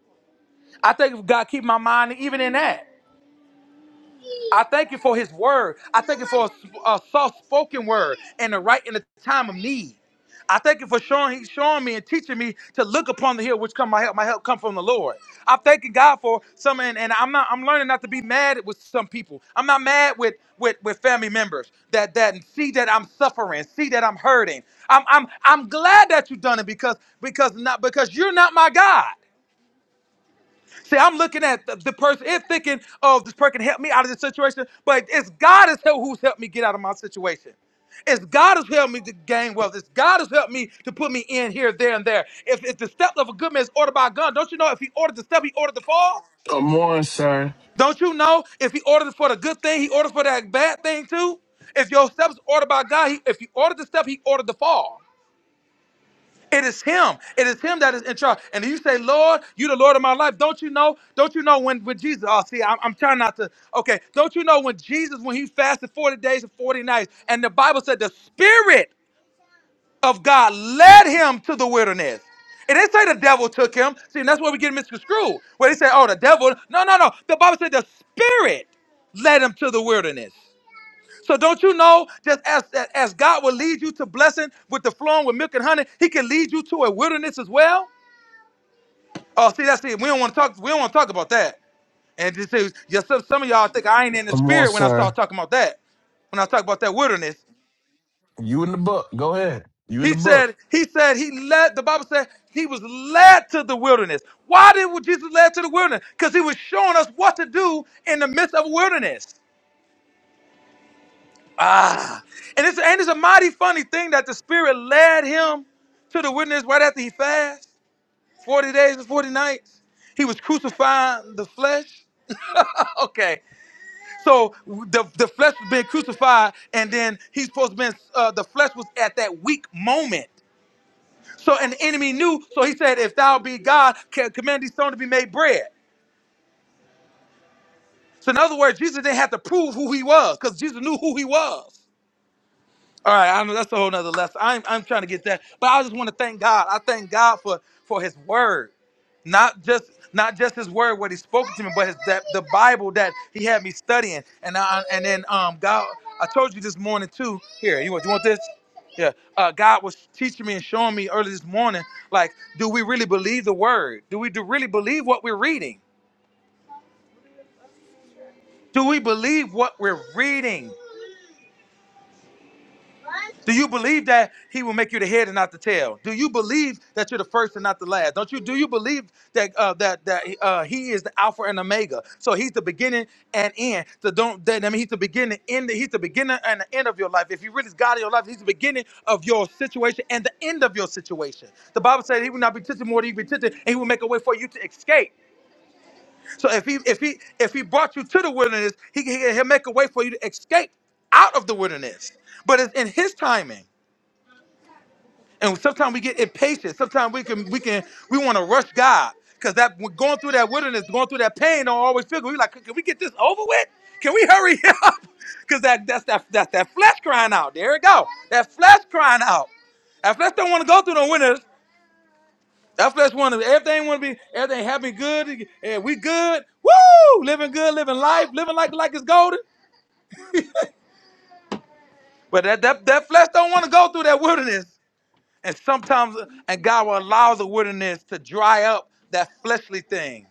[SPEAKER 3] I thank God keep my mind even in that. I thank you for his word. I thank you for a, a soft spoken word and the right in the time of need. I thank you for showing showing me and teaching me to look upon the hill which come my help. My help come from the Lord. I'm thanking God for some and, and I'm not I'm learning not to be mad with some people. I'm not mad with with with family members that that see that I'm suffering, see that I'm hurting. I'm I'm I'm glad that you've done it because because not because you're not my God. See, I'm looking at the, the person and thinking, oh, this person can help me out of this situation. But it's God is who- who's helped me get out of my situation. It's God who's helped me to gain wealth. It's God who's helped me to put me in here, there, and there. If, if the step of a good man is ordered by God, don't you know if he ordered the step, he ordered the fall?
[SPEAKER 4] Come on, sir.
[SPEAKER 3] Don't you know if he ordered for the good thing, he ordered for that bad thing too? If your steps ordered by God, he, if he ordered the step, he ordered the fall. It is him. It is him that is in charge. And you say, Lord, you the Lord of my life. Don't you know? Don't you know when, when Jesus, oh, see, I'm, I'm trying not to, okay. Don't you know when Jesus, when he fasted 40 days and 40 nights, and the Bible said the Spirit of God led him to the wilderness. It didn't say the devil took him. See, and that's where we get misconstrued. Where they say, oh, the devil. No, no, no. The Bible said the Spirit led him to the wilderness. So don't you know, just as, as God will lead you to blessing with the flowing with milk and honey, he can lead you to a wilderness as well? Oh, see, that's it. We don't want to talk, we don't want to talk about that. And just is yes, some, some of y'all think I ain't in the
[SPEAKER 4] Come on,
[SPEAKER 3] spirit when I start
[SPEAKER 4] sir.
[SPEAKER 3] talking about that. When I talk about that wilderness,
[SPEAKER 4] You in the book? Go ahead. You in
[SPEAKER 3] he
[SPEAKER 4] the book?
[SPEAKER 3] said, he said he led. The Bible said he was led to the wilderness. Why did Jesus led to the wilderness? Because he was showing us what to do in the midst of wilderness. Ah, and it's and it's a mighty funny thing that the Spirit led him to the wilderness right after he fasted forty days and forty nights. He was crucifying the flesh. [LAUGHS] Okay, so the the flesh was being crucified, and then he's supposed to be uh, the flesh was at that weak moment. So and the enemy knew. So he said, "If thou be God, ca- command these stones to be made bread." So in other words, Jesus didn't have to prove who he was because Jesus knew who he was. All right, I know that's a whole nother lesson. I'm I'm trying to get that, but I just want to thank God. I thank God for for His Word, not just not just His Word, what He spoke to me, but His that the Bible that He had me studying, and I, and then um God, I told you this morning too. Here, you want you want this? Yeah, uh, God was teaching me and showing me early this morning, like, do we really believe the Word? Do we do really believe what we're reading? Do we believe what we're reading? Do you believe that he will make you the head and not the tail? Do you believe that you're the first and not the last? Don't you? Do you believe that uh, that that uh, he is the Alpha and Omega? So he's the beginning and end. So don't. That, I mean, he's the beginning and the, he's the beginning and the end of your life. If you really God in your life, he's the beginning of your situation and the end of your situation. The Bible said he will not be tempted more than you be tempted, and he will make a way for you to escape. So if he if he if he brought you to the wilderness, he, he he'll make a way for you to escape out of the wilderness. But it's in his timing. And sometimes we get impatient. Sometimes we can we can we want to rush God because that we're going through that wilderness, going through that pain, don't always feel good. We like, can we get this over with? Can we hurry [LAUGHS] up? Because that that's that that's that flesh crying out. There it go. That flesh crying out. That flesh don't want to go through the winters. That flesh want to everything want to be everything happy good and we good. Woo! Living good, living life, living like like it's golden. But that that, that flesh don't want to go through that wilderness. And sometimes, and God will allow the wilderness to dry up that fleshly thing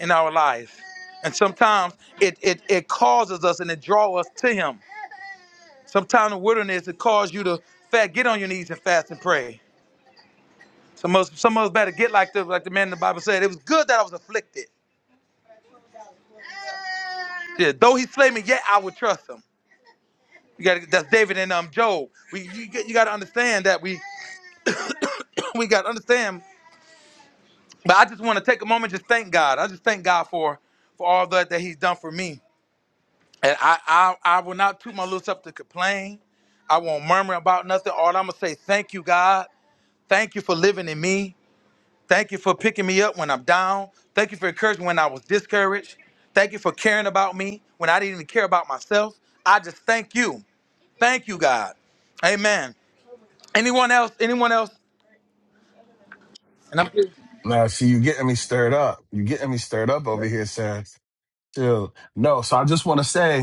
[SPEAKER 3] in our life. And sometimes it, it, it causes us and it draws us to Him. Sometimes the wilderness, it causes you to fat, get on your knees and fast and pray. Some of, us- some of us better get like the, like the man in the Bible said, it was good that I was afflicted. Yeah, though he slay me, yet I would trust him. You got that's David and um Job. We you, got- you got to understand that we [COUGHS] [CLEARS THROAT] we got to understand. But I just want to take a moment, just thank God. I just thank God for for all that that He's done for me. And I I, I will not toot my lips up to complain. I won't murmur about nothing. All I'm gonna say, thank you, God. Thank you for living in me. Thank you for picking me up when I'm down. Thank you for encouraging when I was discouraged. Thank you for caring about me when I didn't even care about myself. I just thank you. Thank you, God. Amen. Anyone else? Anyone else? And I'm
[SPEAKER 4] Now, see, you getting me stirred up. You getting me stirred up over here, saying, chill. No, so I just want to say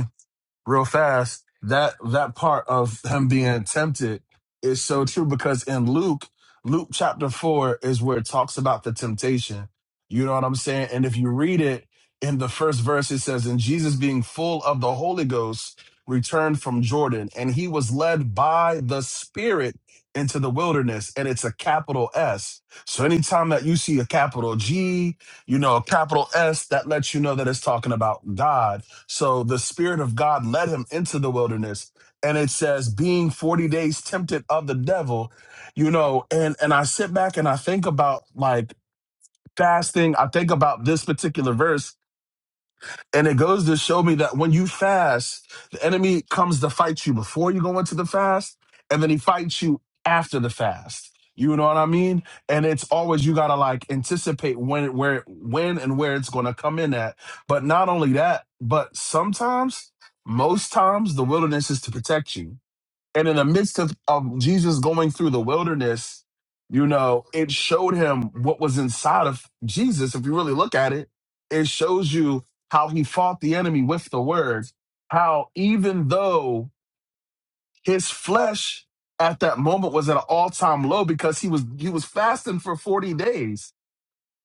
[SPEAKER 4] real fast that that part of him being tempted is so true because in luke luke chapter 4 is where it talks about the temptation you know what i'm saying and if you read it in the first verse it says and jesus being full of the holy ghost returned from jordan and he was led by the spirit into the wilderness and it's a capital s so anytime that you see a capital g you know a capital s that lets you know that it's talking about god so the Spirit of God led him into the wilderness. And it says, being 40 days tempted of the devil, you know, and and I sit back and I think about like fasting. I think about this particular verse and it goes to show me that when you fast, the enemy comes to fight you before you go into the fast, and then he fights you after the fast. You know what I mean? And it's always you gotta like anticipate when where when and where it's gonna come in at. But not only that, but sometimes, most times the wilderness is to protect you and in the midst of, of Jesus going through the wilderness, you know, it showed him what was inside of Jesus. If you really look at it, it shows you how he fought the enemy with the word, how even though his flesh at that moment was at an all-time low because he was he was fasting for 40 days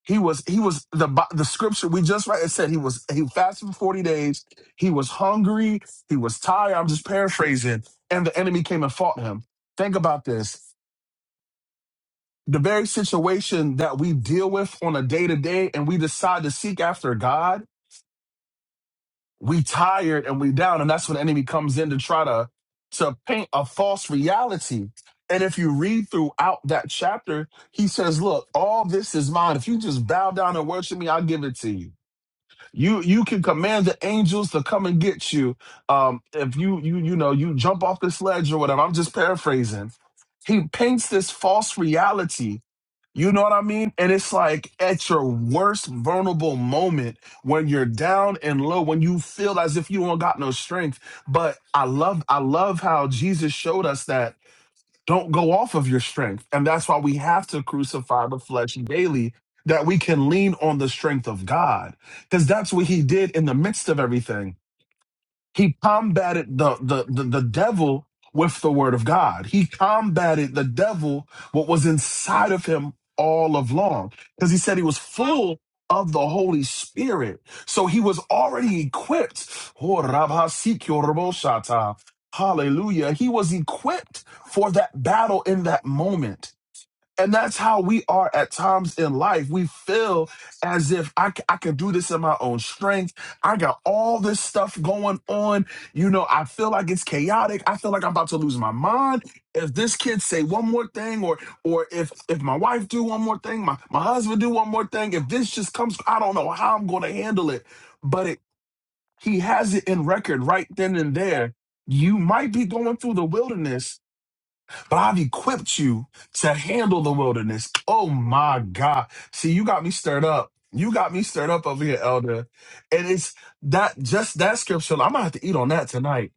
[SPEAKER 4] he was he was the Bi- the scripture we just read. It said he was he fasted for forty days. He was hungry. He was tired. I'm just paraphrasing. And the enemy came and fought him. Think about this. The very situation that we deal with on a day to day, and we decide to seek after God, we tired and we down, and that's when the enemy comes in to try to to paint a false reality. And if you read throughout that chapter, he says, "Look, all this is mine. If you just bow down and worship me, I'll give it to you." You you can command the angels to come and get you. Um, if you you you know you jump off this ledge or whatever. I'm just paraphrasing. He paints this false reality. You know what I mean? And it's like at your worst vulnerable moment when you're down and low, when you feel as if you don't got no strength. But I love I love how Jesus showed us that don't go off of your strength. And that's why we have to crucify the flesh daily, that we can lean on the strength of God. Because that's what he did in the midst of everything. He combated the, the, the, the devil with the word of God. He combated the devil, what was inside of him all of long, because he said he was full of the Holy Spirit. So he was already equipped. Oh, Rabba Hallelujah. He was equipped for that battle in that moment. And that's how we are at times in life. We feel as if I, c- I can do this in my own strength. I got all this stuff going on. You know, I feel like it's chaotic. I feel like I'm about to lose my mind. If this kid say one more thing, or or if if my wife do one more thing, my, my husband do one more thing, if this just comes, I don't know how I'm gonna handle it. But it he has it in record right then and there. You might be going through the wilderness but I've equipped you to handle the wilderness. Oh my God. See, you got me stirred up. You got me stirred up over here, Elder. And it's that just that scripture. I'm gonna have to eat on that tonight.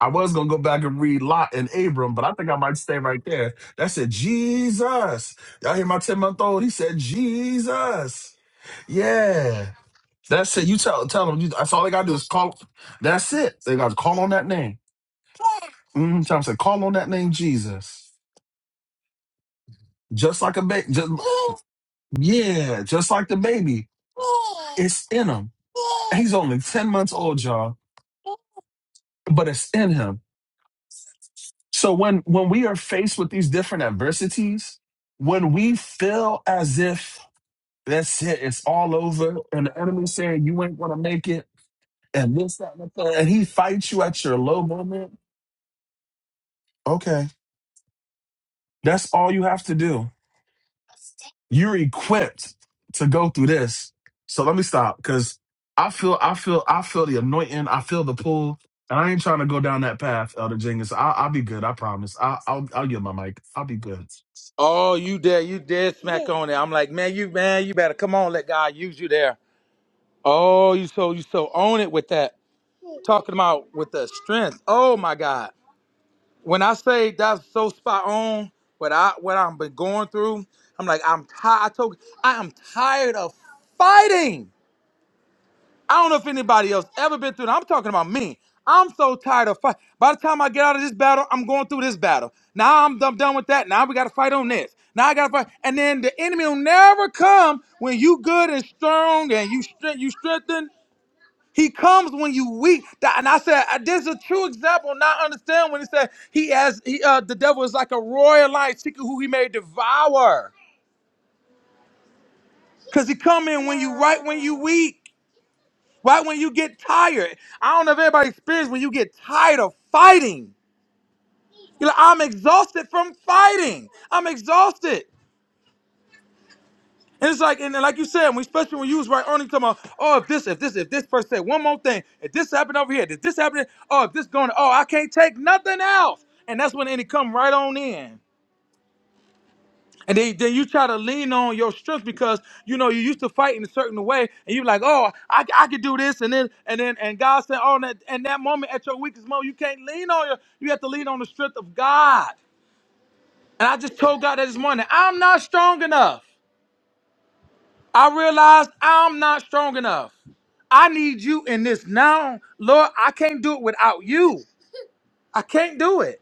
[SPEAKER 4] I was gonna go back and read Lot and Abram, but I think I might stay right there. That said, Jesus. Y'all hear my 10 month old? He said, Jesus. Yeah. That's it. You tell tell him. You, that's all they gotta do is call. That's it. They gotta call on that name. Mm-hmm. Tell him, say, call on that name, Jesus. just like a baby. Just, yeah, just like the baby. It's in him. He's only 10 months old, y'all, but it's in him. So when when we are faced with these different adversities, when we feel as if that's it, it's all over, and the enemy saying you ain't gonna make it, and this, that, and the third, and he fights you at your low moment, okay. That's all you have to do you're equipped to go through this. So let me stop because I feel I feel I feel the anointing. I feel the pull, and I ain't trying to go down that path, Elder Jenkins. I, I'll be good. I promise. I, I'll I'll get my mic. I'll be good.
[SPEAKER 3] Oh, you there? You dead smack on it. I'm like, man, you man, you better come on, let God use you there. Oh, you so you so own it with that. Talking about with the strength. Oh my God. When I say that's so spot on, what I what I've been going through, I'm like, I'm tired. I told I am tired of fighting. I don't know if anybody else ever been through that. I'm talking about me. I'm so tired of fight. By the time I get out of this battle, I'm going through this battle. Now I'm, I'm done with that. Now we got to fight on this. Now I got to fight, and then the enemy will never come when you good and strong and you strength you strengthen. He comes when you weak. That- And I said, uh, this is a true example. Now I understand when he said he has he, uh, the devil is like a royal lion seeking who he may devour. Cause he come in when you right when you weak. Right when you get tired, I don't know if everybody experienced when you get tired of fighting. You're like, I'm exhausted from fighting. I'm exhausted. And it's like, and then like you said, when, especially when you was right on, you talking about, oh, if this, if this, if this person said one more thing, if this happened over here, did this happen? Oh, if this going, oh, I can't take nothing else. And that's when it come right on in. And then, then you try to lean on your strength because you know you used to fight in a certain way, and you're like, "Oh, I, I could do this," and then and then and God said, "Oh, and that, and that moment at your weakest moment, you can't lean on your, you have to lean on the strength of God." And I just told God that this morning, I'm not strong enough. I realized I'm not strong enough. I need you in this now, Lord. I can't do it without you. I can't do it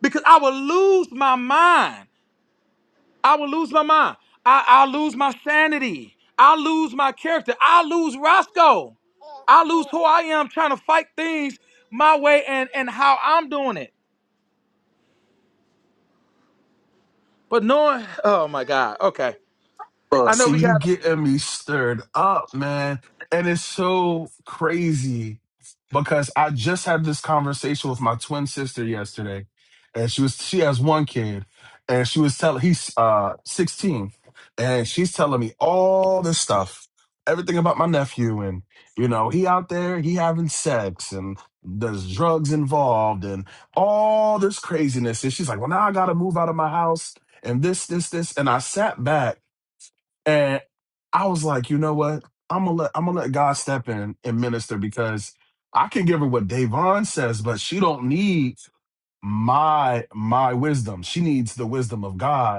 [SPEAKER 3] because I will lose my mind. I will lose my mind. I, I'll lose my sanity. I'll lose my character. I'll lose Roscoe. I lose who I am trying to fight things my way and, and how I'm doing it. But knowing, oh my God, okay.
[SPEAKER 4] Well,
[SPEAKER 3] I know
[SPEAKER 4] see,
[SPEAKER 3] we
[SPEAKER 4] you
[SPEAKER 3] got
[SPEAKER 4] getting me stirred up, man. And it's so crazy because I just had this conversation with my twin sister yesterday, and she was she has one kid, and she was telling he's uh 16, and she's telling me all this stuff, everything about my nephew, and you know he out there he having sex and there's drugs involved and all this craziness, and she's like, well now I gotta move out of my house and this this this, and I sat back. And I was like, you know what? I'm gonna let I'm gonna let God step in and minister because I can give her what Davon says, but she don't need my my wisdom. She needs the wisdom of God.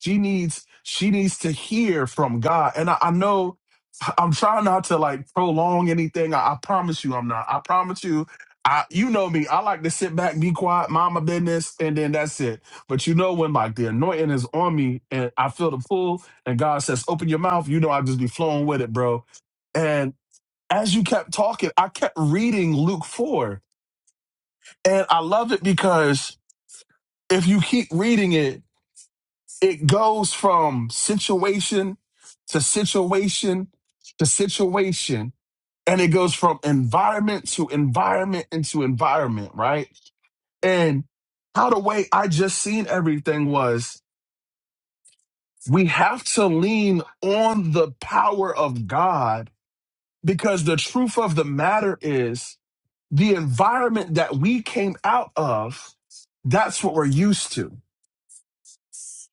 [SPEAKER 4] She needs she needs to hear from God. And I, I know I'm trying not to like prolong anything. I, I promise you I'm not. I promise you. I you know me. I like to sit back, be quiet, mind my business, and then that's it. But you know when like the anointing is on me and I feel the pull and God says, open your mouth, you know I just be flowing with it, bro. And as you kept talking, I kept reading Luke 4. And I love it because if you keep reading it, it goes from situation to situation to situation, and it goes from environment to environment into environment, right? And how the way I just seen everything was we have to lean on the power of God because the truth of the matter is the environment that we came out of, that's what we're used to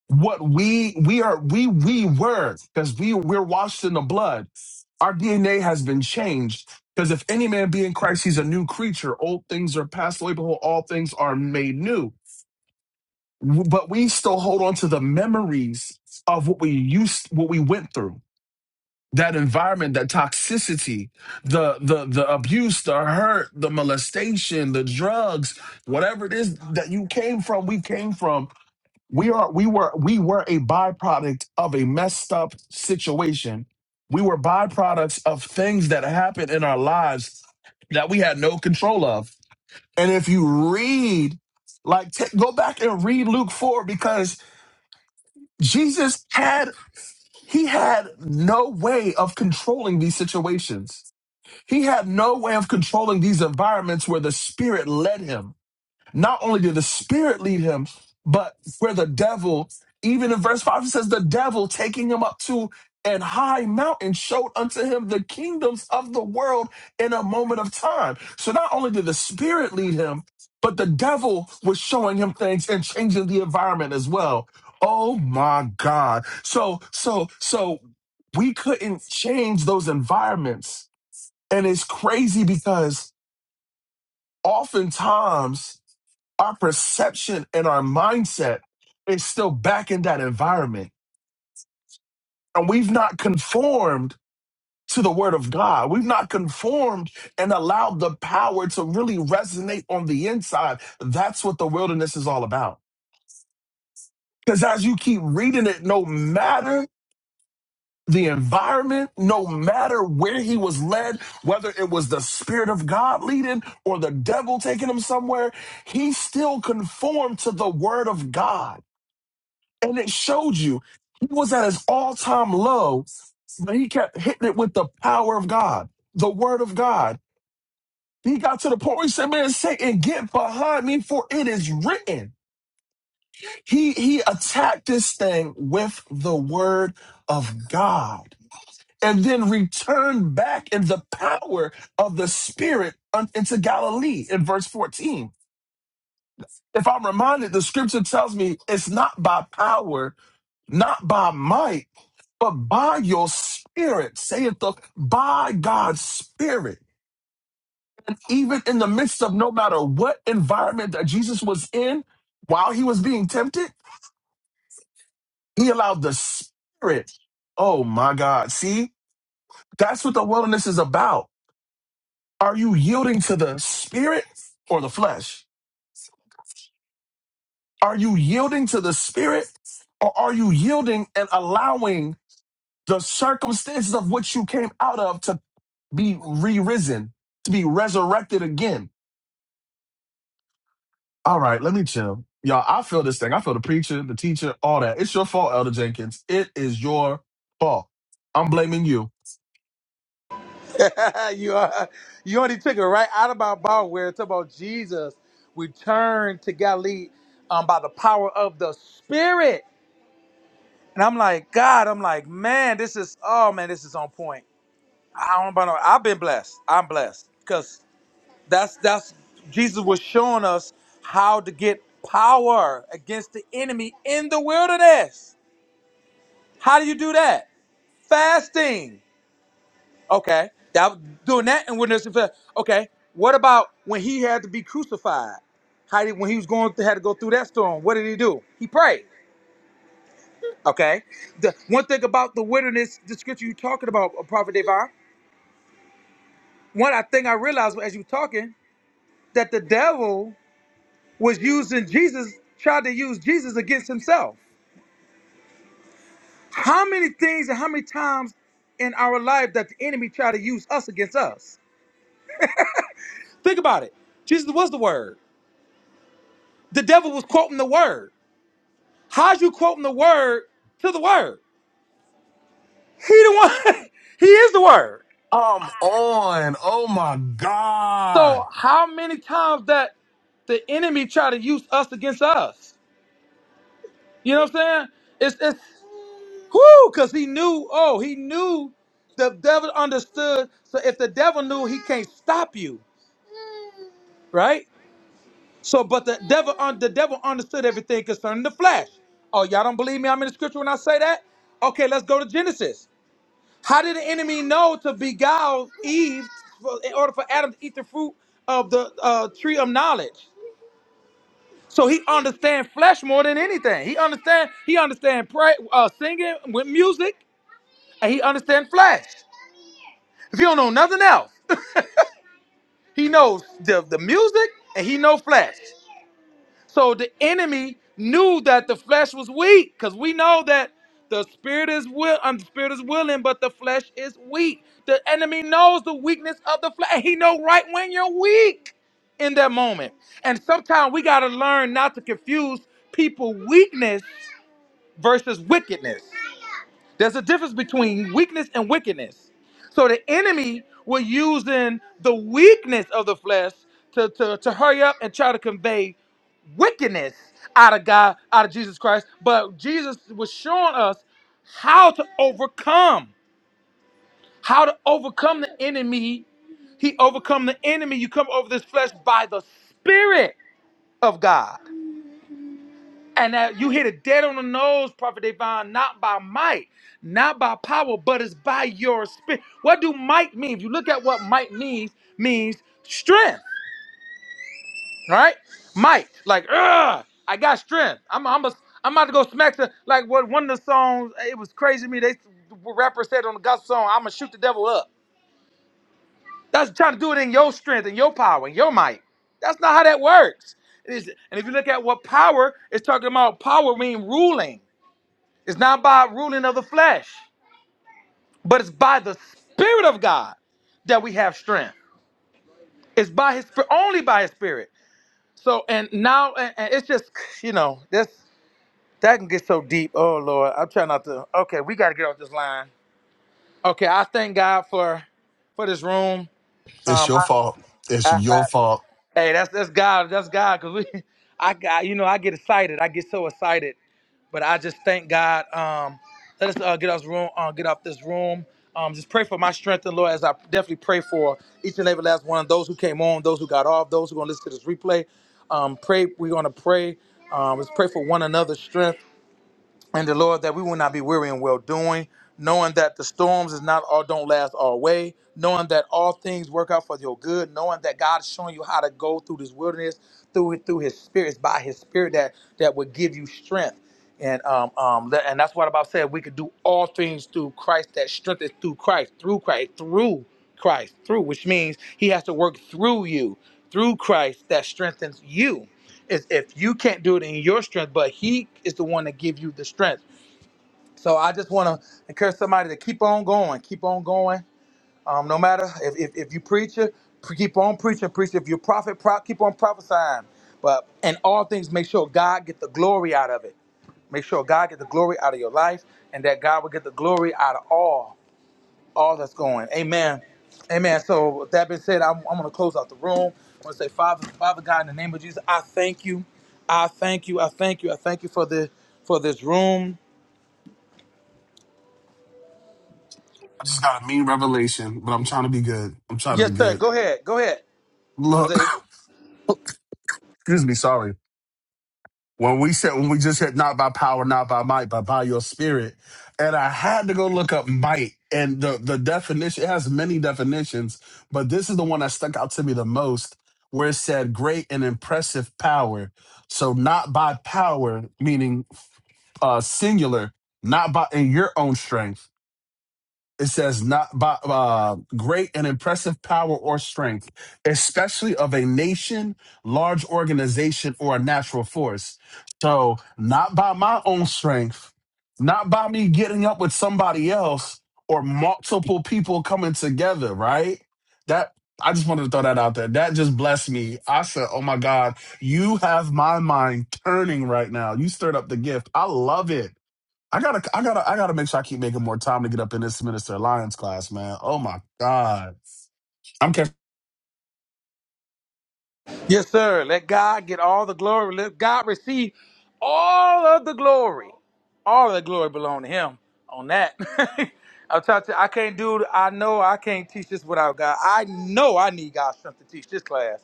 [SPEAKER 4] what we we are we we were because we we're washed in the blood our dna has been changed because if any man be in christ he's a new creature old things are passed away behold all things are made new W- but we still hold on to the memories of what we used what we went through that environment that toxicity the the the abuse the hurt the molestation the drugs whatever it is that you came from we came from we are we were we were a byproduct of a messed up situation we were byproducts of things that happened in our lives that we had no control of and if you read like ta- go back and read luke 4 because jesus had he had no way of controlling these situations he had no way of controlling these environments where the spirit led him not only did the Spirit lead him, but where the devil, even in verse 5, it says, the devil taking him up to an high mountain showed unto him the kingdoms of the world in a moment of time. So not only did the Spirit lead him, but the devil was showing him things and changing the environment as well. Oh my God. So, so, so we couldn't change those environments. And it's crazy because oftentimes our perception and our mindset is still back in that environment. And we've not conformed to the word of God. We've not conformed and allowed the power to really resonate on the inside. That's what the wilderness is all about. Because as you keep reading it, no matter the environment, no matter where he was led, whether it was the Spirit of God leading or the devil taking him somewhere, he still conformed to the word of God. And it showed you he was at his all time low, but he kept hitting it with the power of God, the word of God. He got to the point where he said, Man, Satan, get behind me, for it is written. He he attacked this thing with the word of God and then returned back in the power of the Spirit un- into Galilee in verse 14. If I'm reminded, the scripture tells me it's not by power, not by might But by your spirit, saith the by God's spirit. And even in the midst of no matter what environment that Jesus was in, while he was being tempted, he allowed the spirit. Oh my God. See, that's what the wilderness is about. Are you yielding to the spirit or the flesh? Are you yielding to the spirit or are you yielding and allowing the circumstances of which you came out of to be re risen, to be resurrected again? All right, let me chill. Y'all, I feel this thing. I feel the preacher, the teacher, all that. It's your fault, Elder Jenkins. It is your fault. I'm blaming you.
[SPEAKER 3] [LAUGHS] you are, you already took it right out of my mouth where it's about Jesus returned to Galilee um, by the power of the Spirit. And I'm like, God, I'm like, man, this is oh man, this is on point. I don't know. about no- I've been blessed. I'm blessed. That's that's Jesus was showing us how to get power against the enemy in the wilderness. How do you do that? Fasting. Okay, that doing that in wilderness. is fast. Okay, what about when he had to be crucified? How did when he was going had to go through that storm? What did he do? He prayed. Okay, the one thing about the wilderness, the scripture you talking about, uh, Prophet Devon. One I think I realized as you were talking that the devil was using Jesus, tried to use Jesus against himself. How many things and how many times in our life that the enemy tried to use us against us? Think about it. Jesus was the word. The devil was quoting the word. How's you quoting the word to the word? He the one. [LAUGHS] he is the word.
[SPEAKER 4] I'm on. Oh my
[SPEAKER 3] So
[SPEAKER 4] God.
[SPEAKER 3] how many times that the enemy try to use us against us? You know what I'm saying? It's it's Whoo, because he knew, oh, he knew the devil understood. So if the devil knew, he can't stop you, right? So, but the devil, un- the devil understood everything concerning the flesh. Oh, y'all don't believe me? I'm in the scripture when I say that. Okay, let's go to Genesis. How did the enemy know to beguile Eve for- in order for Adam to eat the fruit of the uh, tree of knowledge? So he understands flesh more than anything. He understand. He understand pray, uh, singing with music, and he understand flesh. If he don't know nothing else, [LAUGHS] he knows the, the music and he know flesh. So the enemy knew that the flesh was weak, because we know that the spirit is will um, the spirit is willing, but the flesh is weak. The enemy knows the weakness of the flesh. He know right when you're weak in that moment. And sometimes we gotta learn not to confuse people weakness versus wickedness. There's a difference between weakness and wickedness. So the enemy was using the weakness of the flesh to, to, to hurry up and try to convey wickedness out of God, out of Jesus Christ. But Jesus was showing us how to overcome, how to overcome the enemy. He overcome the enemy. You come over this flesh by the Spirit of God. And uh, you hit it dead on the nose, Prophet Devon, not by might, not by power, but it's by your spirit. What do might mean? If you look at what might means, means strength, right? Might, like, ugh, I got strength. I'm, I'm, a, I'm about to go smack the, like what one of the songs, it was crazy to me, they, the rapper said on the gospel song, I'm going to shoot the devil up. That's trying to do it in your strength and your power and your might. That's not how that works. It is, and if you look at what power, it's talking about power mean ruling. It's not by ruling of the flesh, but it's by the Spirit of God that we have strength. It's by His Spirit, only by His Spirit. So, and now, and, and it's just, you know, that's that can get so deep. Oh Lord, I'm trying not to. Okay, we got to get off this line. Okay, I thank God for for this room.
[SPEAKER 4] It's
[SPEAKER 3] Um,
[SPEAKER 4] your
[SPEAKER 3] I,
[SPEAKER 4] fault.
[SPEAKER 3] I,
[SPEAKER 4] It's your
[SPEAKER 3] I-
[SPEAKER 4] fault.
[SPEAKER 3] hey, that's that's God, that's God, cause we, [LAUGHS] I got, you know, I get excited. I get so excited But I just thank God. Um, let us uh, get us room, uh, get off this room. Um, just pray for my strength and Lord, as I definitely pray for each and every last one of those who came on, those who got off, those who are gonna listen to this replay. Um, pray. We're gonna pray. Um, let's pray for one another's strength and the Lord that we will not be weary in well doing, knowing that the storms is not all don't last all way, knowing that all things work out for your good, knowing that God is showing you how to go through this wilderness through through His spirits by His Spirit that that would give you strength. And um um that, and that's what about said we could do all things through Christ that strength is through Christ through Christ through Christ through which means He has to work through you through Christ that strengthens you if, if you can't do it in your strength, but He is the one that give you the strength. So I just want to encourage somebody to keep on going, keep on going. Um, no matter if, if, if you preacher, pre- keep on preaching, preach. If you're prophet, pro- keep on prophesying. But in all things, make sure God get the glory out of it. Make sure God get the glory out of your life, and that God will get the glory out of all all that's going. Amen. Amen. So with that being said, I'm, I'm going to close out the room. I want to say, Father, Father God, in the name of Jesus, I thank you. I thank you. I thank you. I thank you for the for this room.
[SPEAKER 4] I just got a mean revelation, but I'm trying to be good. I'm trying to be
[SPEAKER 3] Yes, sir.
[SPEAKER 4] good.
[SPEAKER 3] Go ahead. Go ahead. Cause
[SPEAKER 4] Look,
[SPEAKER 3] it,
[SPEAKER 4] [LAUGHS] [COUGHS] excuse me, sorry. When we said when we just said not by power, not by might, but by your spirit, and I had to go look up might and the the definition. It has many definitions, but this is the one that stuck out to me the most, where it said great and impressive power. So not by power, meaning uh singular, not by in your own strength. It says, not by uh, great and impressive power or strength, especially of a nation, large organization, or a natural force. So, not by my own strength, not by me getting up with somebody else or multiple people coming together, right? That I just wanted to throw that out there. That just blessed me. I said, Oh my God, you have my mind turning right now. You stirred up the gift. I love it. I gotta, I gotta, I gotta make sure I keep making more time to get up in this Minister Alliance class, man. Oh my God. I'm catching.
[SPEAKER 3] yes, sir. Let God get all the glory. Let God receive all of the glory. All of the glory belong to Him. On that, [LAUGHS] I'm trying to. I can't do. I know I can't teach this without God. I know I need God's strength to teach this class.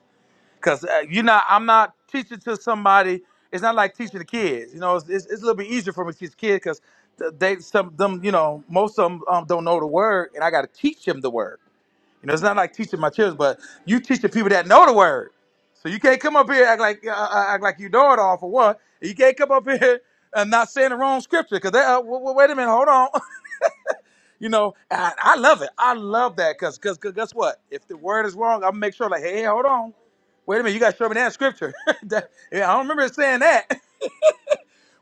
[SPEAKER 3] Cause uh, you know, I'm not teaching to somebody. It's not like teaching the kids. You know, it's, it's, it's a little bit easier for me to teach kids because they some them you know most of them um, don't know the word, and I got to teach them the word. You know, it's not like teaching my children, but you teaching people that know the word. So you can't come up here and act like uh, uh, act like you know it all for one. You can't come up [LAUGHS] here and not saying the wrong scripture because they uh, w- w- wait a minute, hold on. [LAUGHS] You know, and I love it. I love that because because guess what? If the word is wrong, I'm gonna make sure like, hey, hold on. Wait a minute, you gotta show me that scripture. [LAUGHS] That- yeah, I don't remember it saying that. [LAUGHS]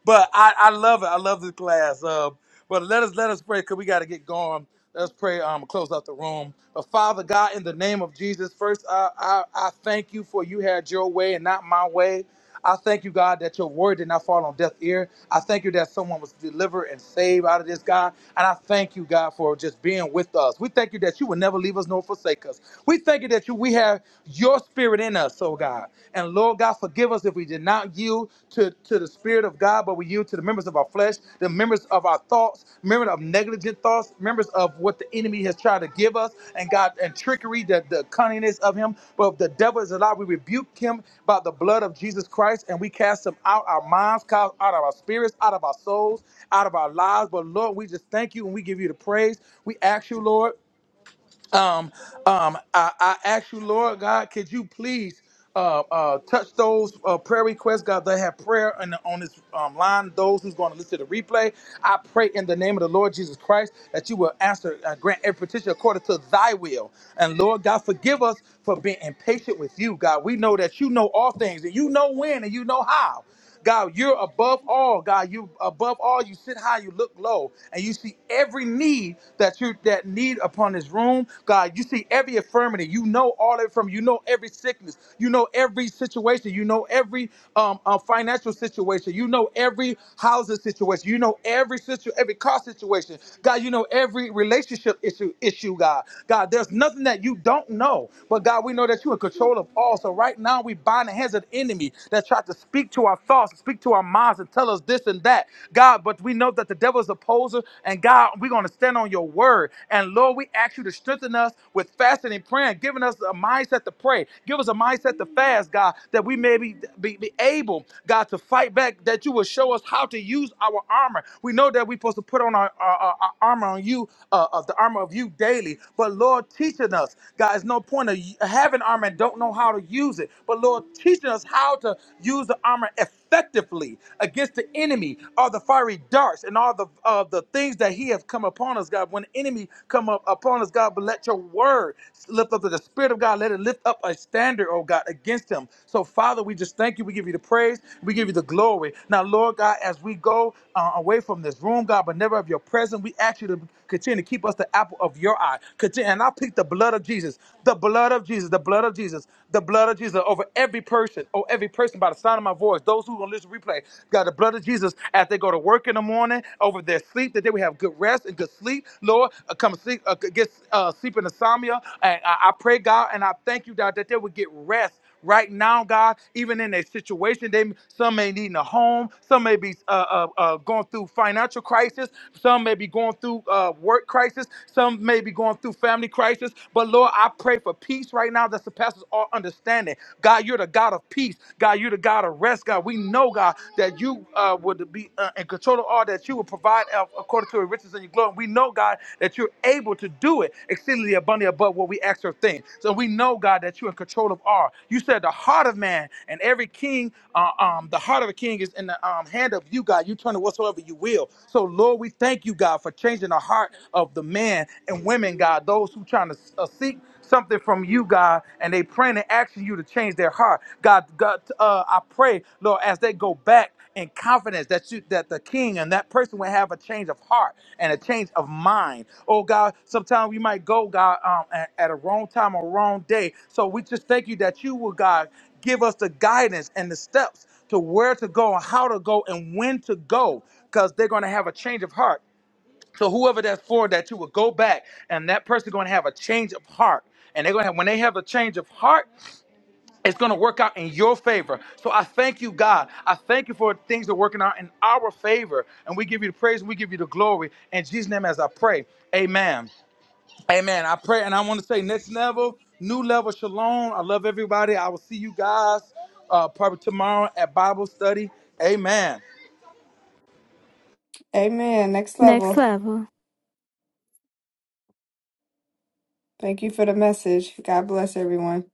[SPEAKER 3] but I, I love it. I love this class. Uh, but let us let us pray because we got to get going. Let's pray. Um, close out the room. But Father God, in the name of Jesus, first I, I I thank you for you had your way and not my way. I thank you, God, that your word did not fall on deaf ear. I thank you that someone was delivered and saved out of this, God. And I thank you, God, for just being with us. We thank you that you will never leave us nor forsake us. We thank you that you we have your spirit in us us, oh God. And Lord God, forgive us if we did not yield to, to the Spirit of God, but we yield to the members of our flesh, the members of our thoughts, members of negligent thoughts, members of what the enemy has tried to give us, and God, and trickery, the, the cunningness of him. But if the devil is alive, we rebuke him by the blood of Jesus Christ, and we cast him out our minds, out of our spirits, out of our souls, out of our lives. But Lord, we just thank you and we give you the praise. We ask you, Lord um, um, I, I ask you, Lord God, could you please uh, uh, touch those uh, prayer requests, God, that have prayer on, the, on this um, line, those who's going to listen to the replay. I pray in the name of the Lord Jesus Christ that you will answer, uh, grant every petition according to thy will. And Lord God, forgive us for being impatient with you, God. We know that you know all things and you know when and you know how. God, you're above all. God, you above all. You sit high, you look low, and you see every need that you that need upon this room. God, you see every infirmity. You know all of it from. You know every sickness. You know every situation. You know every um, uh, financial situation. You know every housing situation. You know every situ every car situation. God, you know every relationship issue issue. God, God, there's nothing that you don't know. But God, we know that you're in control of all. So right now, we bind the hands of the enemy that tried to speak to our thoughts, speak to our minds, and tell us this and that. God, but we know that the devil is a poser, and God, we're going to stand on your word. And Lord, we ask you to strengthen us with fasting and praying, giving us a mindset to pray, give us a mindset to fast, God, that we may be, be, be able, God, to fight back, that you will show us how to use our armor. We know that we're supposed to put on our, our, our- our armor on you, uh, of the armor of you daily, but Lord, teaching us, God, it's no point of you- having armor and don't know how how to use it, but Lord, teaching us how to use the armor effectively against the enemy, all the fiery darts and all the uh, the things that He has come upon us, God. When the enemy come up upon us, God, but let Your word lift up to the Spirit of God. Let it lift up a standard, oh God, against him. So Father, we just thank You. We give You the praise. We give You the glory. Now, Lord God, as we go uh, away from this room, God, but never of Your presence, we ask You to continue to keep us the apple of Your eye. Continue, and I plead the blood of Jesus. the blood blood of Jesus, the blood of Jesus, the blood of Jesus over every person, oh, every person by the sound of my voice, those who are going to listen to replay. God, the blood of Jesus as they go to work in the morning, over their sleep, that they would have good rest and good sleep. Lord, uh, come sleep, uh, get uh, sleep in insomnia. And I, I pray, God, and I thank you, God, that they would get rest right now, God, even in their situation. They some may need a home, some may be uh, uh, uh, going through financial crisis, some may be going through uh, work crisis, some may be going through family crisis. But Lord, I pray for peace right now that surpasses all understanding. God, you're the God of peace. God, you're the God of rest. God, we know, God, that you uh, would be uh, in control of all that you would provide uh, according according to your riches and your glory. We know, God, that you're able to do it exceedingly abundantly above what we ask or think. So we know, God, that you're in control of all. You said the heart of man and every king, uh, um, the heart of a king is in the um, hand of you, God. You turn it whatsoever you will. So, Lord, we thank you, God, for changing the heart of the man and women, God, those who trying to uh, seek something from you, God, and they praying and asking you to change their heart. God, God, uh, I pray, Lord, as they go back in confidence that you that the king and that person will have a change of heart and a change of mind. Oh God, sometimes we might go, God, um, at, at a wrong time or wrong day. So we just thank you that you will, God, give us the guidance and the steps to where to go and how to go and when to go, because they're going to have a change of heart so whoever that's for that you will go back and that person going to have a change of heart. And they're gonna have when they have a change of heart, it's gonna work out in your favor. So I thank you, God. I thank you for things that are working out in our favor. And we give you the praise and we give you the glory. In Jesus' name as I pray. Amen. Amen. I pray and I want to say next level, new level, shalom. I love everybody. I will see you guys uh probably tomorrow at Bible study. Amen.
[SPEAKER 2] Amen. Next
[SPEAKER 6] Next
[SPEAKER 2] level.
[SPEAKER 6] level
[SPEAKER 2] Thank you for the message. God bless everyone.